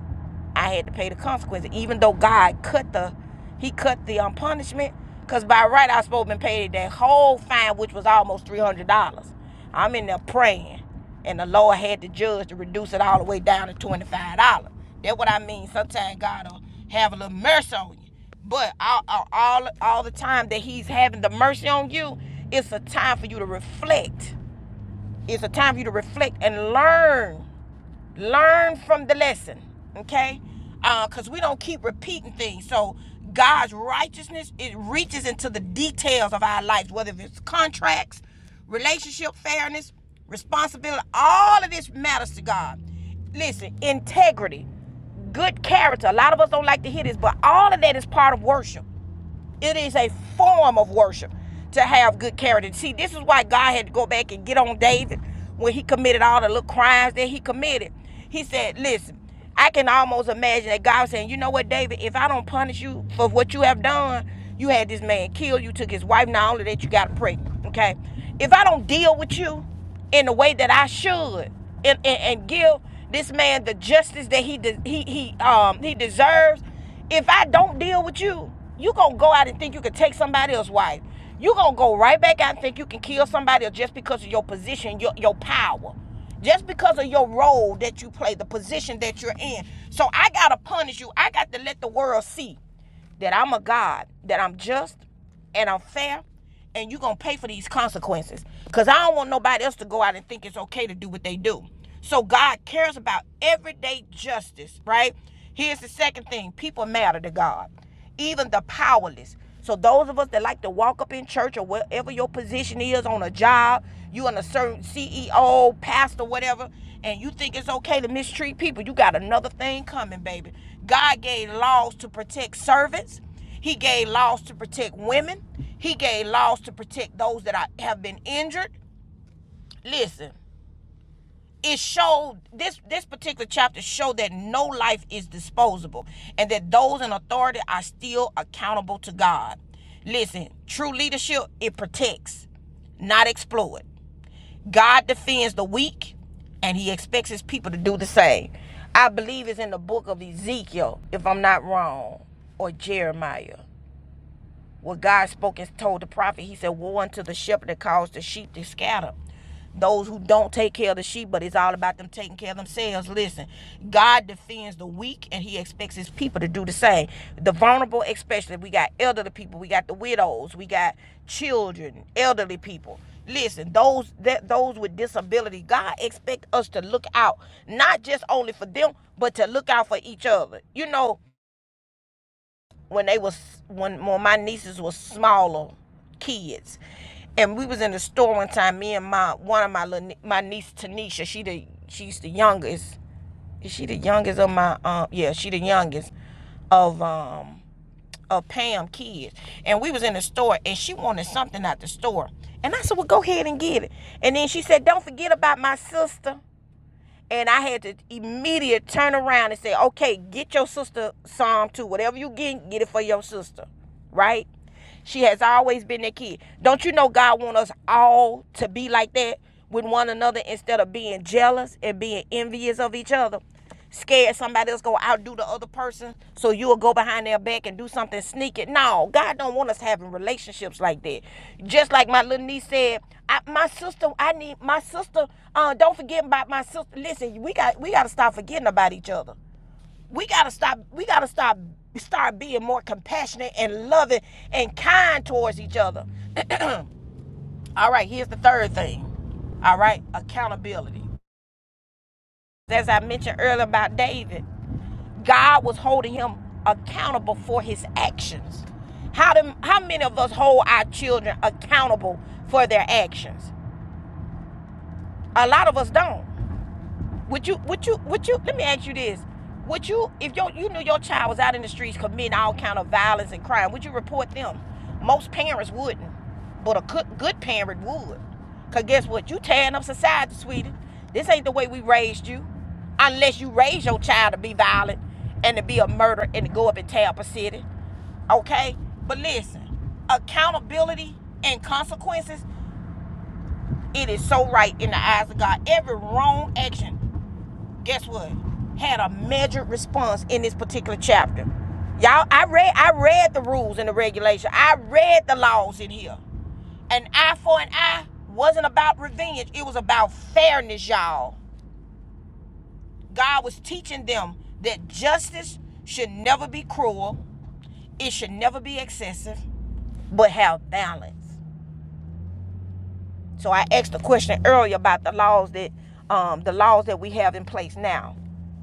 A: I had to pay the consequences, even though God cut the, he cut the um, punishment, because by right I was supposed to be paid that whole fine, which was almost three hundred dollars. I'm in there praying, and the Lord had to judge to reduce it all the way down to twenty five dollars. That's what I mean. Sometimes God will have a little mercy on you, but all all all the time that He's having the mercy on you, it's a time for you to reflect. It's a time for you to reflect and learn learn from the lesson okay because uh, we don't keep repeating things so god's righteousness it reaches into the details of our lives whether it's contracts relationship fairness responsibility all of this matters to god listen integrity good character a lot of us don't like to hear this but all of that is part of worship it is a form of worship to have good character. See, this is why God had to go back and get on David when he committed all the little crimes that he committed. He said, Listen, I can almost imagine that God was saying, You know what, David, if I don't punish you for what you have done, you had this man killed, you took his wife, not only that you got pregnant, okay? If I don't deal with you in the way that I should and, and, and give this man the justice that he de- he he um he deserves, if I don't deal with you, you gonna go out and think you can take somebody else's wife. You gonna go right back out and think you can kill somebody else just because of your position, your your power, just because of your role that you play, the position that you're in. So I gotta punish you. I got to let the world see that I'm a God, that I'm just and I'm fair, and you're gonna pay for these consequences. Cause I don't want nobody else to go out and think it's okay to do what they do. So God cares about everyday justice, right? Here's the second thing people matter to God even the powerless. So those of us that like to walk up in church or wherever your position is on a job, you in a certain CEO, pastor, whatever, and you think it's okay to mistreat people, you got another thing coming, baby. God gave laws to protect servants. He gave laws to protect women. He gave laws to protect those that are, have been injured. Listen, it showed this this particular chapter showed that no life is disposable and that those in authority are still accountable to God. Listen, true leadership it protects, not exploit. God defends the weak and he expects his people to do the same. I believe it's in the book of Ezekiel, if I'm not wrong, or Jeremiah. What God spoke and told the prophet, he said, Woe unto the shepherd that caused the sheep to scatter. Those who don't take care of the sheep, but it's all about them taking care of themselves. Listen, God defends the weak and he expects his people to do the same. The vulnerable, especially. We got elderly people, we got the widows, we got children, elderly people. Listen, those that those with disability, God expect us to look out, not just only for them, but to look out for each other. You know, when they was when, when my nieces was smaller kids and we was in the store one time me and my one of my little, my niece tanisha she the she's the youngest is she the youngest of my um yeah she the youngest of um of pam kids and we was in the store and she wanted something out the store and i said well go ahead and get it and then she said don't forget about my sister and I had to immediate turn around and say, okay, get your sister Psalm 2. Whatever you get, get it for your sister. Right? She has always been that kid. Don't you know God wants us all to be like that with one another instead of being jealous and being envious of each other? Scared somebody else gonna outdo the other person, so you'll go behind their back and do something sneaky. No, God don't want us having relationships like that. Just like my little niece said, I, my sister, I need my sister. Uh, don't forget about my sister. Listen, we got we gotta stop forgetting about each other. We gotta stop. We gotta stop. Start being more compassionate and loving and kind towards each other. All right, here's the third thing. All right, accountability. As I mentioned earlier about David, God was holding him accountable for his actions. How, do, how many of us hold our children accountable for their actions? A lot of us don't. Would you, would you, would you, let me ask you this. Would you, if your, you knew your child was out in the streets committing all kind of violence and crime, would you report them? Most parents wouldn't, but a good, good parent would. Cause guess what? You tearing up society, sweetie. This ain't the way we raised you. Unless you raise your child to be violent and to be a murderer and to go up and tear up a city. Okay? But listen, accountability and consequences, it is so right in the eyes of God. Every wrong action guess what? Had a measured response in this particular chapter. Y'all, I read I read the rules and the regulation. I read the laws in here. An eye for an eye wasn't about revenge. It was about fairness, y'all. God was teaching them that justice should never be cruel. It should never be excessive, but have balance. So I asked a question earlier about the laws that um, the laws that we have in place now.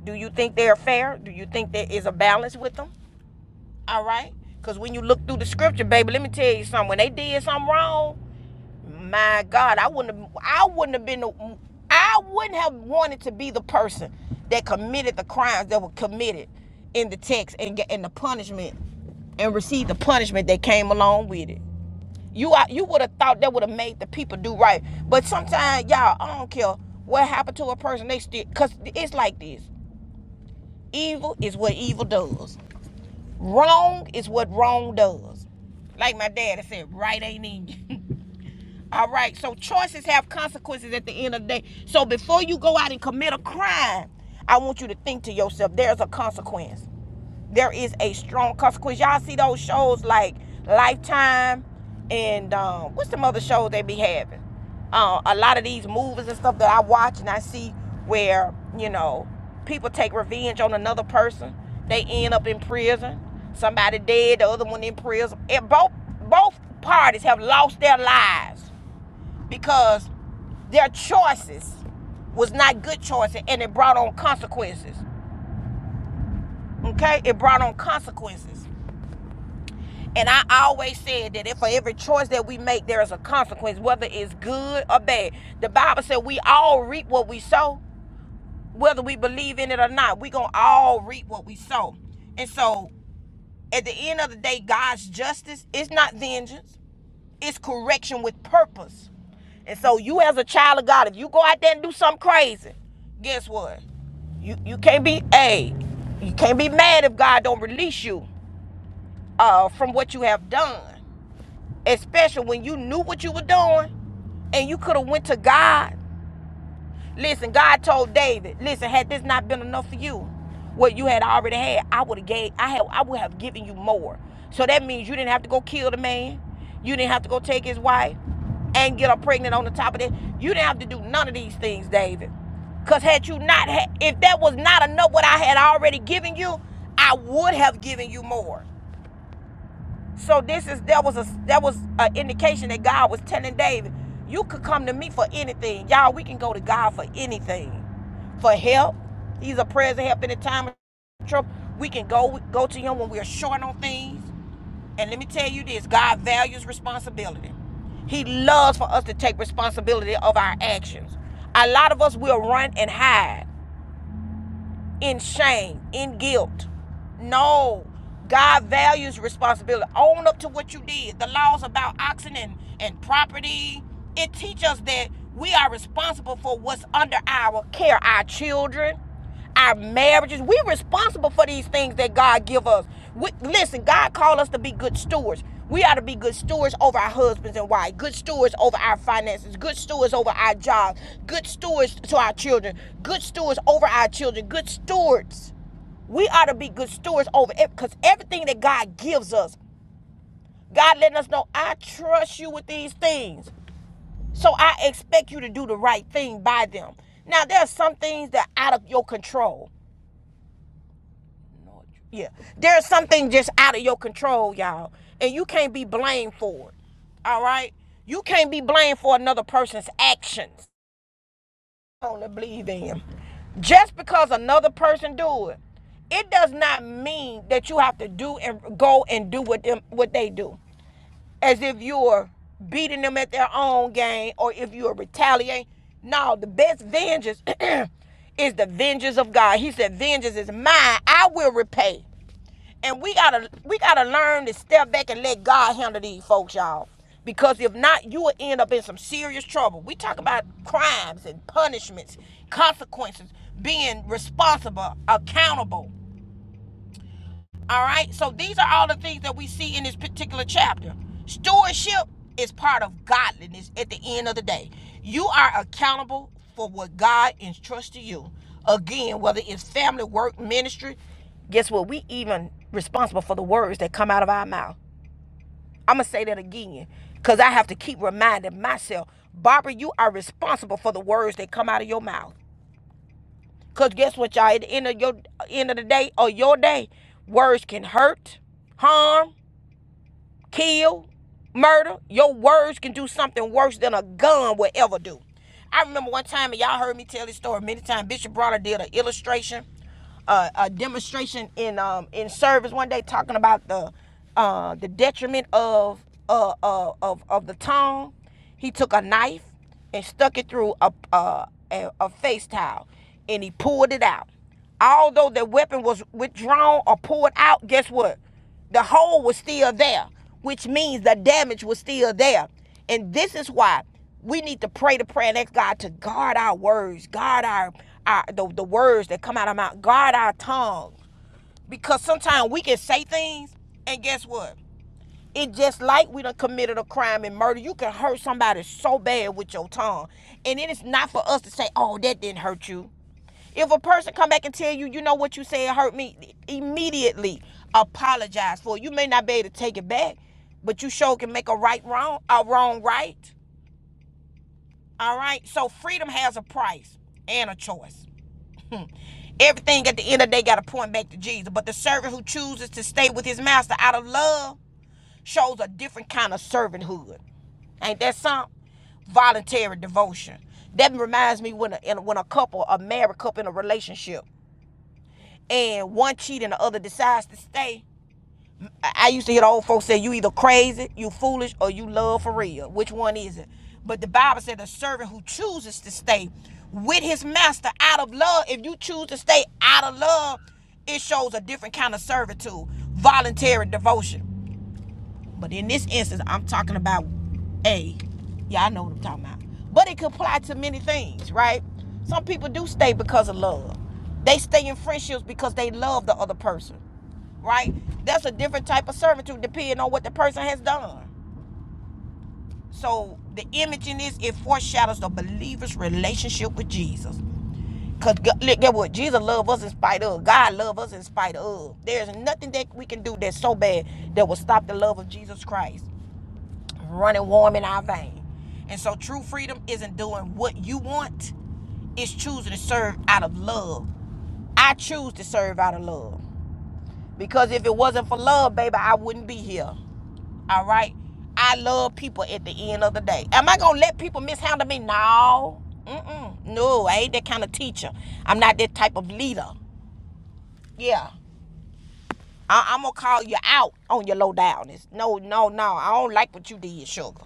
A: Do you think they're fair? Do you think there is a balance with them? All right? Because when you look through the scripture, baby, let me tell you something. When they did something wrong, my God, I wouldn't have, I wouldn't have been, the, I wouldn't have wanted to be the person that committed the crimes that were committed in the text and get and the punishment and received the punishment that came along with it. You are, you would have thought that would have made the people do right, but sometimes y'all, I don't care what happened to a person. They still, cause it's like this: evil is what evil does. Wrong is what wrong does. Like my daddy said, right ain't in you. All right, so choices have consequences at the end of the day. So before you go out and commit a crime, I want you to think to yourself, there's a consequence there is a strong consequence. Y'all see those shows like Lifetime and um, what's some other shows they be having? Uh, a lot of these movies and stuff that I watch and I see where, you know, people take revenge on another person. They end up in prison. Somebody dead, the other one in prison. And both both parties have lost their lives because their choices was not good choices and it brought on consequences. Okay? It brought on consequences. And I always said that if for every choice that we make, there is a consequence, whether it's good or bad. The Bible said we all reap what we sow, whether we believe in it or not. We're going to all reap what we sow. And so at the end of the day, God's justice is not vengeance, it's correction with purpose. And so you as a child of God, if you go out there and do something crazy, guess what? You you can't be a you can't be mad if God don't release you uh, from what you have done. especially when you knew what you were doing and you could have went to God. Listen, God told David, listen, had this not been enough for you, what you had already had, I would have gave I have I would have given you more. So that means you didn't have to go kill the man. You didn't have to go take his wife and get her pregnant on the top of that. You didn't have to do none of these things, David. Cause had you not had if that was not enough what I had already given you, I would have given you more. So this is that was a that was an indication that God was telling David, you could come to me for anything. Y'all, we can go to God for anything. For help. He's a present help in the time of trouble. We can go go to him when we're short on things. And let me tell you this, God values responsibility. He loves for us to take responsibility of our actions. A lot of us will run and hide in shame, in guilt. No, God values responsibility. Own up to what you did. The laws about oxen and, and property, it teaches us that we are responsible for what's under our care, our children, our marriages. We're responsible for these things that God give us. We, listen, God called us to be good stewards. We ought to be good stewards over our husbands and wives, good stewards over our finances, good stewards over our jobs, good stewards to our children, good stewards over our children, good stewards. We ought to be good stewards over it because everything that God gives us, God letting us know, I trust you with these things. So I expect you to do the right thing by them. Now, there are some things that are out of your control. Yeah. There's something just out of your control, y'all. And you can't be blamed for it. All right? You can't be blamed for another person's actions. Only believe them. Just because another person do it, it does not mean that you have to do and go and do what them what they do. As if you're beating them at their own game or if you're retaliating. No, the best vengeance is the vengeance of God. He said, Vengeance is mine. I will repay and we gotta we gotta learn to step back and let God handle these folks, y'all. Because if not, you will end up in some serious trouble. We talk about crimes and punishments, consequences, being responsible, accountable. All right? So these are all the things that we see in this particular chapter. Stewardship is part of godliness at the end of the day. You are accountable for what God entrusted you. Again, whether it's family, work, ministry, guess what? We even responsible for the words that come out of our mouth. I'm gonna say that again, cause I have to keep reminding myself, Barbara, you are responsible for the words that come out of your mouth. Cause guess what, y'all? At the end of your end of the day or your day, words can hurt, harm, kill, murder. Your words can do something worse than a gun will ever do. I remember one time, and y'all heard me tell this story many times. Bishop Bronner did an illustration, uh, a demonstration in um, in service one day, talking about the uh, the detriment of uh, uh, of of the tongue. He took a knife and stuck it through a a, a, a face towel, and he pulled it out. Although the weapon was withdrawn or pulled out, guess what? The hole was still there, which means the damage was still there. And this is why we need to pray the prayer and ask God to guard our words, guard our, our the, the words that come out of our mouth, guard our tongue. Because sometimes we can say things, and guess what? It just like we done committed a crime and murder. You can hurt somebody so bad with your tongue. And it is not for us to say, oh, that didn't hurt you. If a person come back and tell you, you know what you said hurt me, immediately apologize for it. You may not be able to take it back, but you sure can make a right wrong, a wrong right. All right. So freedom has a price and a choice. Everything at the end of the day got to point back to Jesus. But the servant who chooses to stay with his master out of love shows a different kind of servanthood. Ain't that something? Voluntary devotion. That reminds me when a, when a couple, a married couple in a relationship, and one cheat and the other decides to stay. I, I used to hear the old folks say, "You either crazy, you foolish, or you love for real. Which one is it?" But the Bible said, "The servant who chooses to stay with his master out of love. If you choose to stay out of love, it shows a different kind of servitude, voluntary devotion." But in this instance, I'm talking about A. Yeah, I know what I'm talking about. But it could apply to many things, right? Some people do stay because of love. They stay in friendships because they love the other person, right? That's a different type of servitude depending on what the person has done. So the image in this, it foreshadows the believer's relationship with Jesus. Because get what? Jesus loved us in spite of. God loved us in spite of. There's nothing that we can do that's so bad that will stop the love of Jesus Christ running warm in our vein. And so true freedom isn't doing what you want, it's choosing to serve out of love. I choose to serve out of love. Because if it wasn't for love, baby, I wouldn't be here. All right? I love people at the end of the day. Am I gonna let people mishandle me? No. Mm-mm. No, I ain't that kind of teacher. I'm not that type of leader. Yeah. I, I'm gonna call you out on your low downness. No, no, no. I don't like what you did, sugar.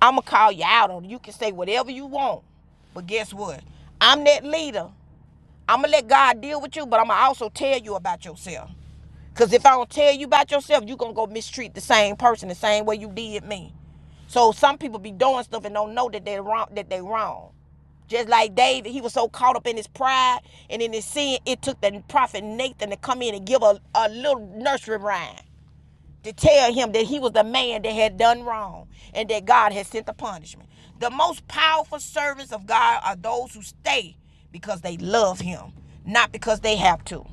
A: I'm gonna call you out on it. You can say whatever you want, but guess what? I'm that leader. I'm gonna let God deal with you, but I'm gonna also tell you about yourself. Cause if I don't tell you about yourself, you gonna go mistreat the same person the same way you did me. So some people be doing stuff and don't know that they wrong that they wrong. Just like David, he was so caught up in his pride and in his sin, it took the prophet Nathan to come in and give a, a little nursery rhyme to tell him that he was the man that had done wrong and that God had sent the punishment. The most powerful servants of God are those who stay because they love him, not because they have to.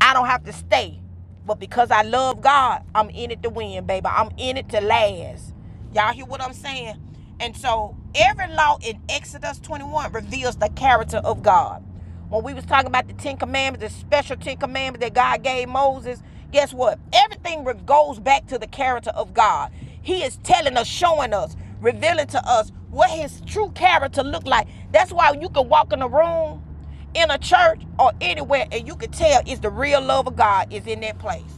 A: I don't have to stay. But because I love God, I'm in it to win, baby. I'm in it to last. Y'all hear what I'm saying? And so every law in Exodus 21 reveals the character of God. When we was talking about the Ten Commandments, the special Ten Commandments that God gave Moses, guess what? Everything goes back to the character of God. He is telling us, showing us, revealing to us what his true character look like. That's why you can walk in a room in a church or anywhere, and you can tell it's the real love of God is in that place.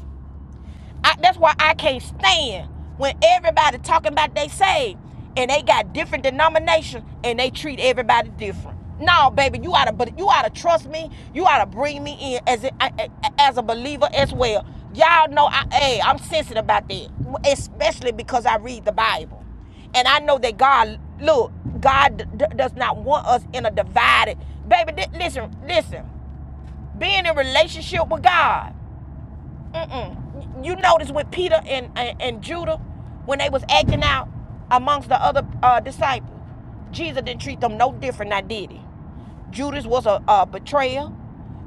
A: I, that's why I can't stand when everybody talking about they saved and they got different denominations and they treat everybody different. No, baby, you oughta but you oughta trust me. You oughta bring me in as a, as a believer as well. Y'all know I hey, I'm sensitive about that, especially because I read the Bible. And I know that God, look, God d- d- does not want us in a divided. Baby, thi- listen, listen. Being in relationship with God. Mm-mm. You notice with Peter and, and, and Judah, when they was acting out amongst the other uh, disciples, Jesus didn't treat them no different, now did he? Judas was a, a betrayer.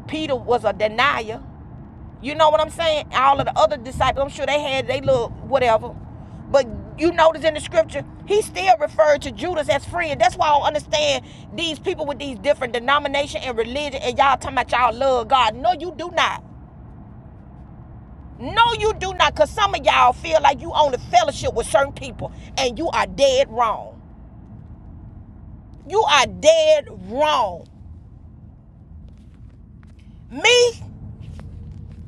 A: Peter was a denier. You know what I'm saying? All of the other disciples, I'm sure they had they little whatever. But you notice in the scripture, he still referred to Judas as friend. That's why I don't understand these people with these different denomination and religion and y'all talking about y'all love God. No, you do not. No, you do not, because some of y'all feel like you own a fellowship with certain people, and you are dead wrong. You are dead wrong. Me,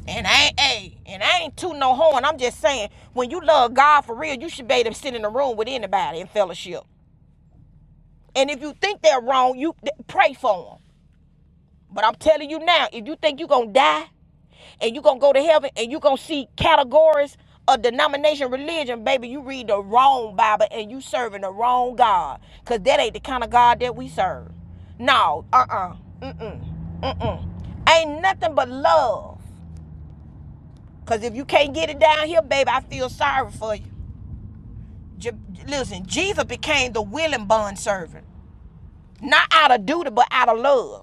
A: and I ain't, hey, and I ain't tooting no horn. I'm just saying, when you love God for real, you should be able to sit in a room with anybody in fellowship. And if you think they're wrong, you th- pray for them. But I'm telling you now, if you think you're going to die and you're gonna go to heaven and you're gonna see categories of denomination religion baby you read the wrong bible and you serving the wrong god because that ain't the kind of god that we serve no uh-uh mm-mm mm-mm ain't nothing but love because if you can't get it down here baby i feel sorry for you Je- listen jesus became the willing bond servant not out of duty but out of love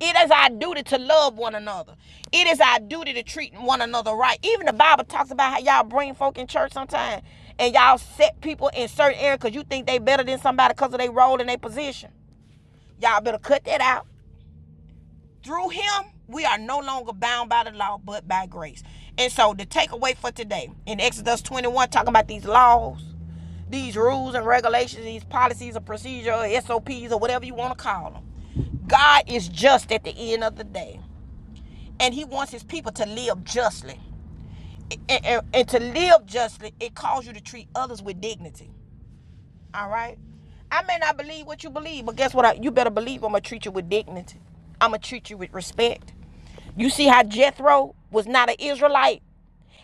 A: It is our duty to love one another. It is our duty to treat one another right. Even the Bible talks about how y'all bring folk in church sometimes and y'all set people in certain areas because you think they better than somebody because of their role and their position. Y'all better cut that out. Through him, we are no longer bound by the law but by grace. And so the takeaway for today in Exodus 21, talking about these laws, these rules and regulations, these policies or procedures or SOPs or whatever you want to call them. God is just at the end of the day and he wants his people to live justly and, and- and to live justly it calls you to treat others with dignity all right i may not believe what you believe but guess what I, you better believe i'm gonna treat you with dignity i'm gonna treat you with respect you see how jethro was not an israelite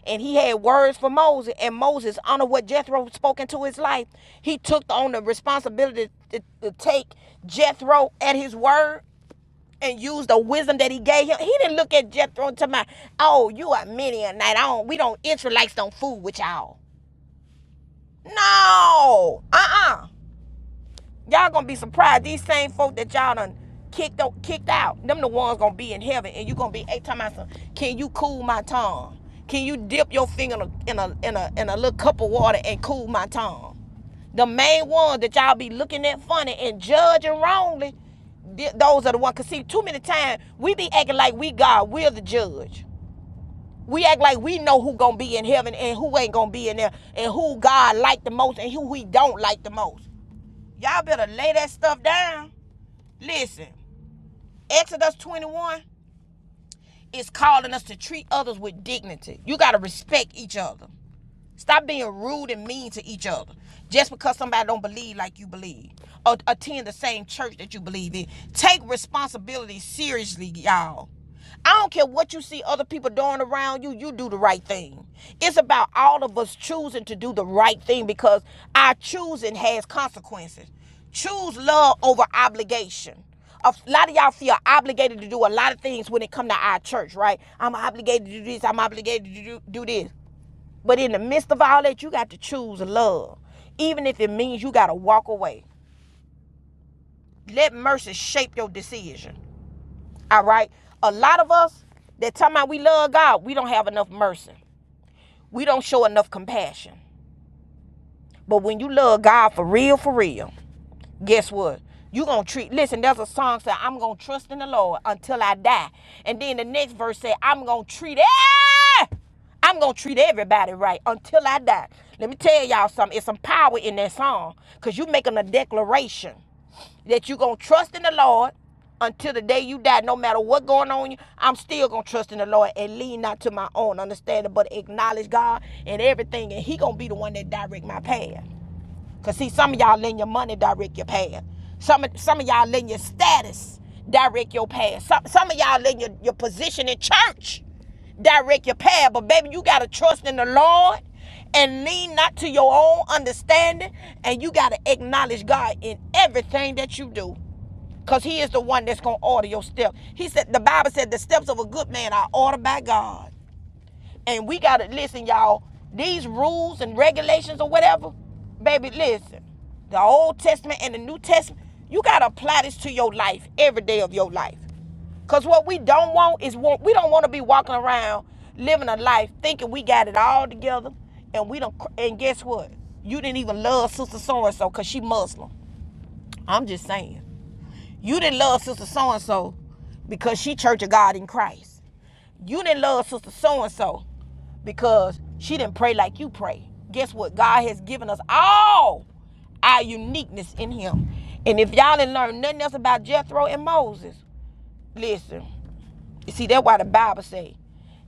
A: and he had words for Moses, and Moses honored what Jethro spoke into his life. He took on the responsibility to, to take Jethro at his word and use the wisdom that he gave him. He didn't look at Jethro and tell my, Oh, you are many a night. I don't. We don't Israelites don't fool with y'all. No. Uh uh Y'all gonna be surprised. These same folk that y'all done kicked out, kicked out, them the ones gonna be in heaven, and you gonna be hey, time eight times. Can you cool my tongue? Can you dip your finger in a in a in a, in a little cup of water and cool my tongue? The main ones that y'all be looking at funny and judging wrongly, th- those are the ones. Cause see, too many times we be acting like we God, we're the judge. We act like we know who gonna be in heaven and who ain't gonna be in there, and who God like the most and who He don't like the most. Y'all better lay that stuff down. Listen, Exodus 21 is calling us to treat others with dignity. You got to respect each other. Stop being rude and mean to each other just because somebody don't believe like you believe or attend the same church that you believe in. Take responsibility seriously, y'all. I don't care what you see other people doing around you, you do the right thing. It's about all of us choosing to do the right thing because our choosing has consequences. Choose love over obligation. A lot of y'all feel obligated to do a lot of things when it come to our church, right? I'm obligated to do this, I'm obligated to do, do this. But in the midst of all that, you got to choose love, even if it means you got to walk away. Let mercy shape your decision. All right. A lot of us that time out we love God, we don't have enough mercy. We don't show enough compassion. But when you love God for real, for real, guess what? You gonna treat. Listen, there's a song that says, I'm gonna trust in the Lord until I die, and then the next verse say I'm gonna treat. Every, I'm gonna treat everybody right until I die. Let me tell y'all something. It's some power in that song, cause you making a declaration that you gonna trust in the Lord until the day you die. No matter what going on, you- I'm still gonna trust in the Lord and lean not to my own understanding, but acknowledge God and everything, and He gonna be the one that direct my path. Cause see, some of y'all letting your money direct your path. Some some of y'all letting your status direct your path. Some some of y'all letting your, your position in church direct your path. But baby, you gotta trust in the Lord and lean not to your own understanding. And you gotta acknowledge God in everything that you do. Cause he is the one that's gonna order your steps. He said the Bible said the steps of a good man are ordered by God. And we gotta listen, y'all. These rules and regulations or whatever, baby, listen. The Old Testament and the New Testament, you gotta apply this to your life every day of your life. Cause what we don't want is we don't want to be walking around living a life thinking we got it all together, and we don't. And guess what? You didn't even love Sister So and So cause she Muslim. I'm just saying. You didn't love Sister So and So because she Church of God in Christ. You didn't love sister so and so because she didn't pray like you pray. Guess what? God has given us all our uniqueness in Him. And if y'all didn't learn nothing else about Jethro and Moses, listen. You see, that's why the Bible say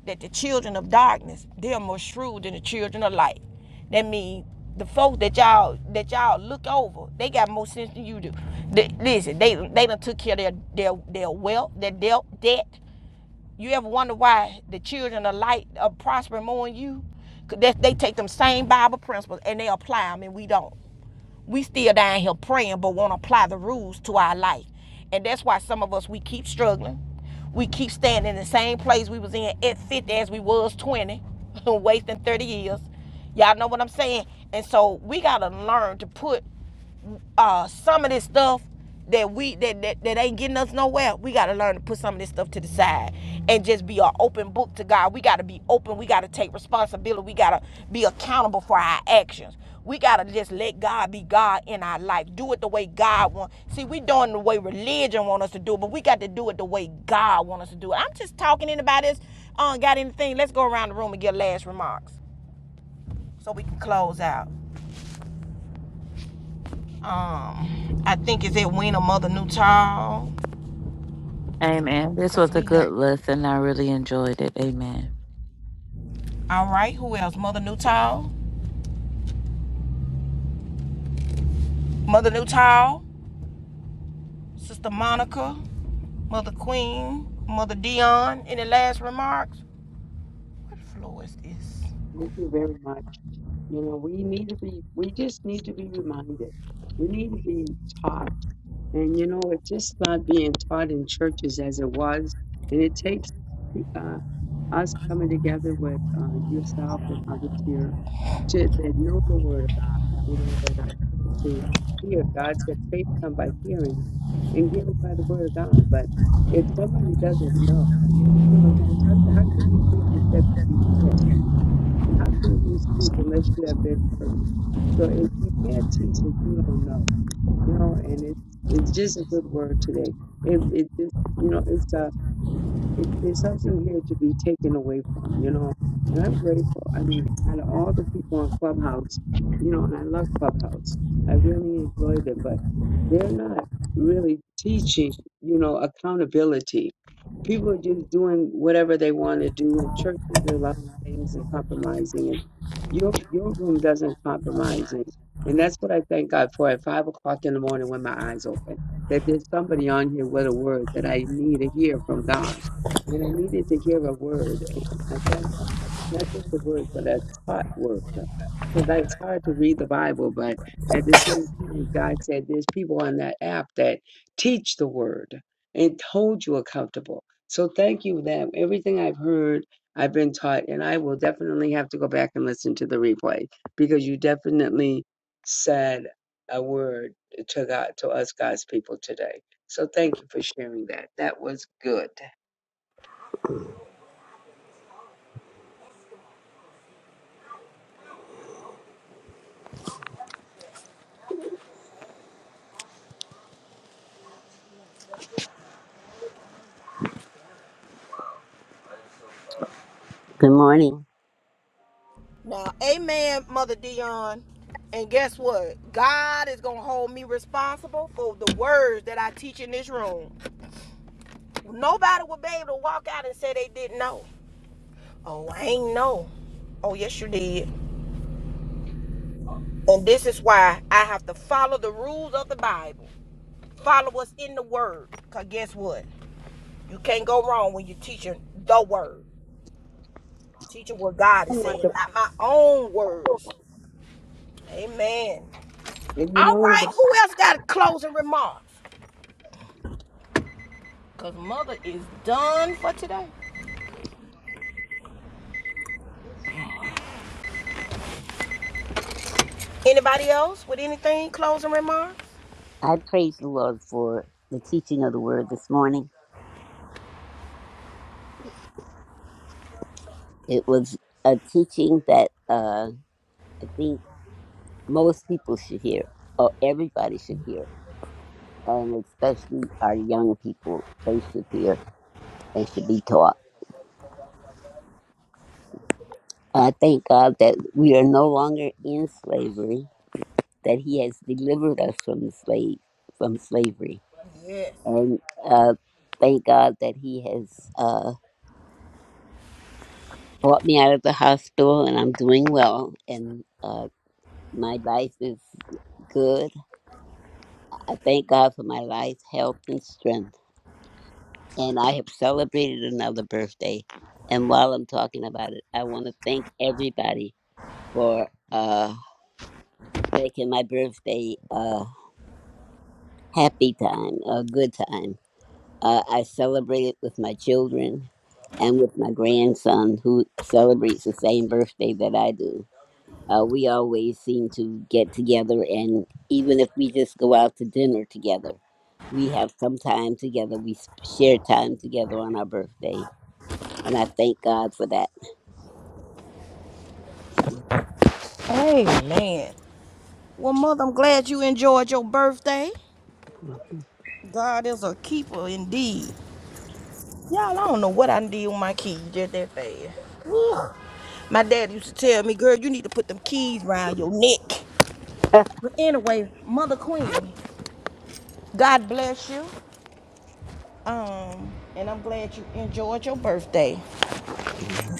A: that the children of darkness they are more shrewd than the children of light. That means the folks that y'all that y'all look over, they got more sense than you do. They- listen, they they done took care of their their, their wealth, their debt, debt. You ever wonder why the children of light are prospering more than you? 'Cause That they take them same Bible principles and they apply them, and we don't. We still down here praying, but won't apply the rules to our life, and that's why some of us we keep struggling. We keep staying in the same place we was in at 50 as we was 20, wasting 30 years. Y'all know what I'm saying? And so we gotta learn to put uh, some of this stuff that we that, that that ain't getting us nowhere. We got to learn to put some of this stuff to the side and just be an open book to God. We got to be open. We got to take responsibility. We got to be accountable for our actions. We got to just let God be God in our life. Do it the way God wants. See, we doing the way religion want us to do it, but we got to do it the way God want us to do it. I'm just talking. Anybody else uh, got anything? Let's go around the room and get last remarks so we can close out. Um, I think is it when a mother new child
C: Amen. This
A: Cause
C: was a
A: we done.
C: good lesson. I really enjoyed it. Amen.
A: All right, who else? Mother Newtall, Mother Newtall, Sister Monica, Mother Queen, Mother Dion. Any last remarks? What floor is this?
E: Thank you very much. You know, we need to be, we just need to be reminded. We need to be taught. And, you know, it's just not being taught in churches as it was. And it takes uh, us coming together with uh, yourself and others here should that know the word of God, you know, that are put to hear. God said faith come by hearing and hearing by the word of God. But if somebody doesn't know, you know what I'm saying, how, how can you preach except you be sent? And how can you speak unless you have been heard? So if you can't teach what you don't know, you know, and it's it's just a good word today. It it just you know, it's a it, there's something here to be taken away from, you know. And I'm grateful. I mean, out of all the people on Clubhouse, you know, and I love Clubhouse. I really enjoy them, but they're not really teaching, you know, accountability. People are just doing whatever they want to do, and churches are allowing things and compromising. And your your room doesn't compromise, and and that's what I thank God for at five o'clock in the morning when my eyes open. That there's somebody on here with a word that I need to hear from God and I needed to hear a word, and I thank God, not just a word, but a taught word. Because it's hard to read the Bible, but at the same time, God said there's people on that app that teach the word and hold you accountable. So thank you that everything I've heard, I've been taught, and I will definitely have to go back and listen to the replay because you definitely said a word to God, to us God's people today. So thank you for sharing that. That was good.
G: Good morning.
A: Now, amen, Mother Dion. And guess what? God is going to hold me responsible for the words that I teach in this room. Nobody will be able to walk out and say they didn't know. Oh, I ain't know. Oh, yes, you did. And this is why I have to follow the rules of the Bible. Follow what's in the Word. Because guess what? You can't go wrong when you're teaching the Word. Teaching what God is
E: I want
A: saying,
E: the
A: not my own words. Amen.
E: And you
A: All
E: know, the
A: right, who else got closing remarks? Cause mother is done for today. Anybody else with anything closing remarks?
G: I praise the Lord for the teaching of the word this morning. It was a teaching that uh, I think most people should hear, or everybody should hear, and especially our young people. They should hear, they should be taught. I thank God that we are no longer in slavery, that He has delivered us from the slave, from slavery.
A: Yes.
G: And uh, thank God that He has uh, brought me out of the hospital and I'm doing well. And uh, My life is good. I thank God for my life, health, and strength. And I have celebrated another birthday. And while I'm talking about it, I want to thank everybody for uh, making my birthday a happy time, a good time. Uh, I celebrated with my children and with my grandson, who celebrates the same birthday that I do. Uh, we always seem to get together, and even if we just go out to dinner together, we have some time together. We s- share time together on our birthday, and I thank God for that.
A: Amen. Well, mother, I'm glad you enjoyed your birthday. God is a keeper indeed. Y'all, I don't know what I did with my keys just that fast. My dad used to tell me, girl, you need to put them keys round your neck. But anyway, Mother Queen, God bless you. Um, and I'm glad you enjoyed your birthday.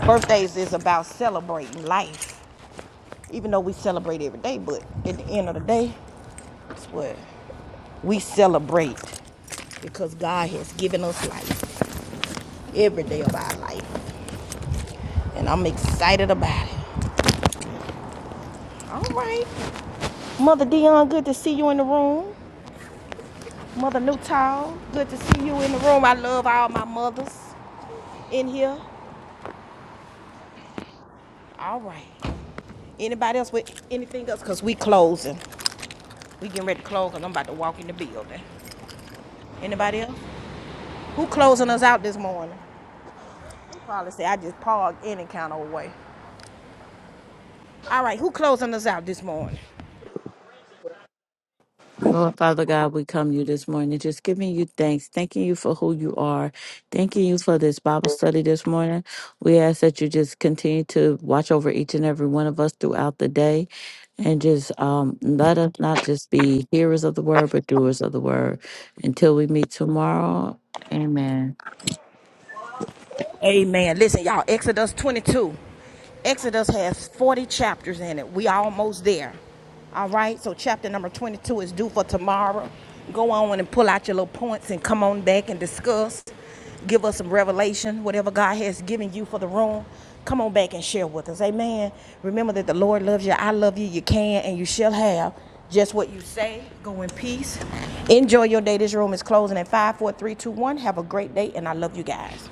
A: Birthdays is about celebrating life. Even though we celebrate every day, but at the end of the day, it's what we celebrate because God has given us life every day of our life, and I'm excited about it. All right, Mother Dion, good to see you in the room. Mother Newtown, good to see you in the room. I love all my mothers in here. All right. Anybody else with anything else? Cause we closing. We getting ready to close. Cause I'm about to walk in the building. Anybody else? Who closing us out this morning? Probably say I just park any kind of way. All right, who closing us out this morning?
C: Lord Father God, we come to you this morning just giving you thanks, thanking you for who you are, thanking you for this Bible study this morning. We ask that you just continue to watch over each and every one of us throughout the day and just um, let us not just be hearers of the word, but doers of the word. Until we meet tomorrow, amen.
A: Amen. Listen, y'all, Exodus 22. Exodus has 40 chapters in it. We are almost there. All right, so chapter number 22 is due for tomorrow. Go on and pull out your little points and come on back and discuss. Give us some revelation, whatever God has given you for the room. Come on back and share with us. Amen. Remember that the Lord loves you. I love you. You can and you shall have just what you say. Go in peace. Enjoy your day. This room is closing at five, four, three, two, one. Have a great day, and I love you guys.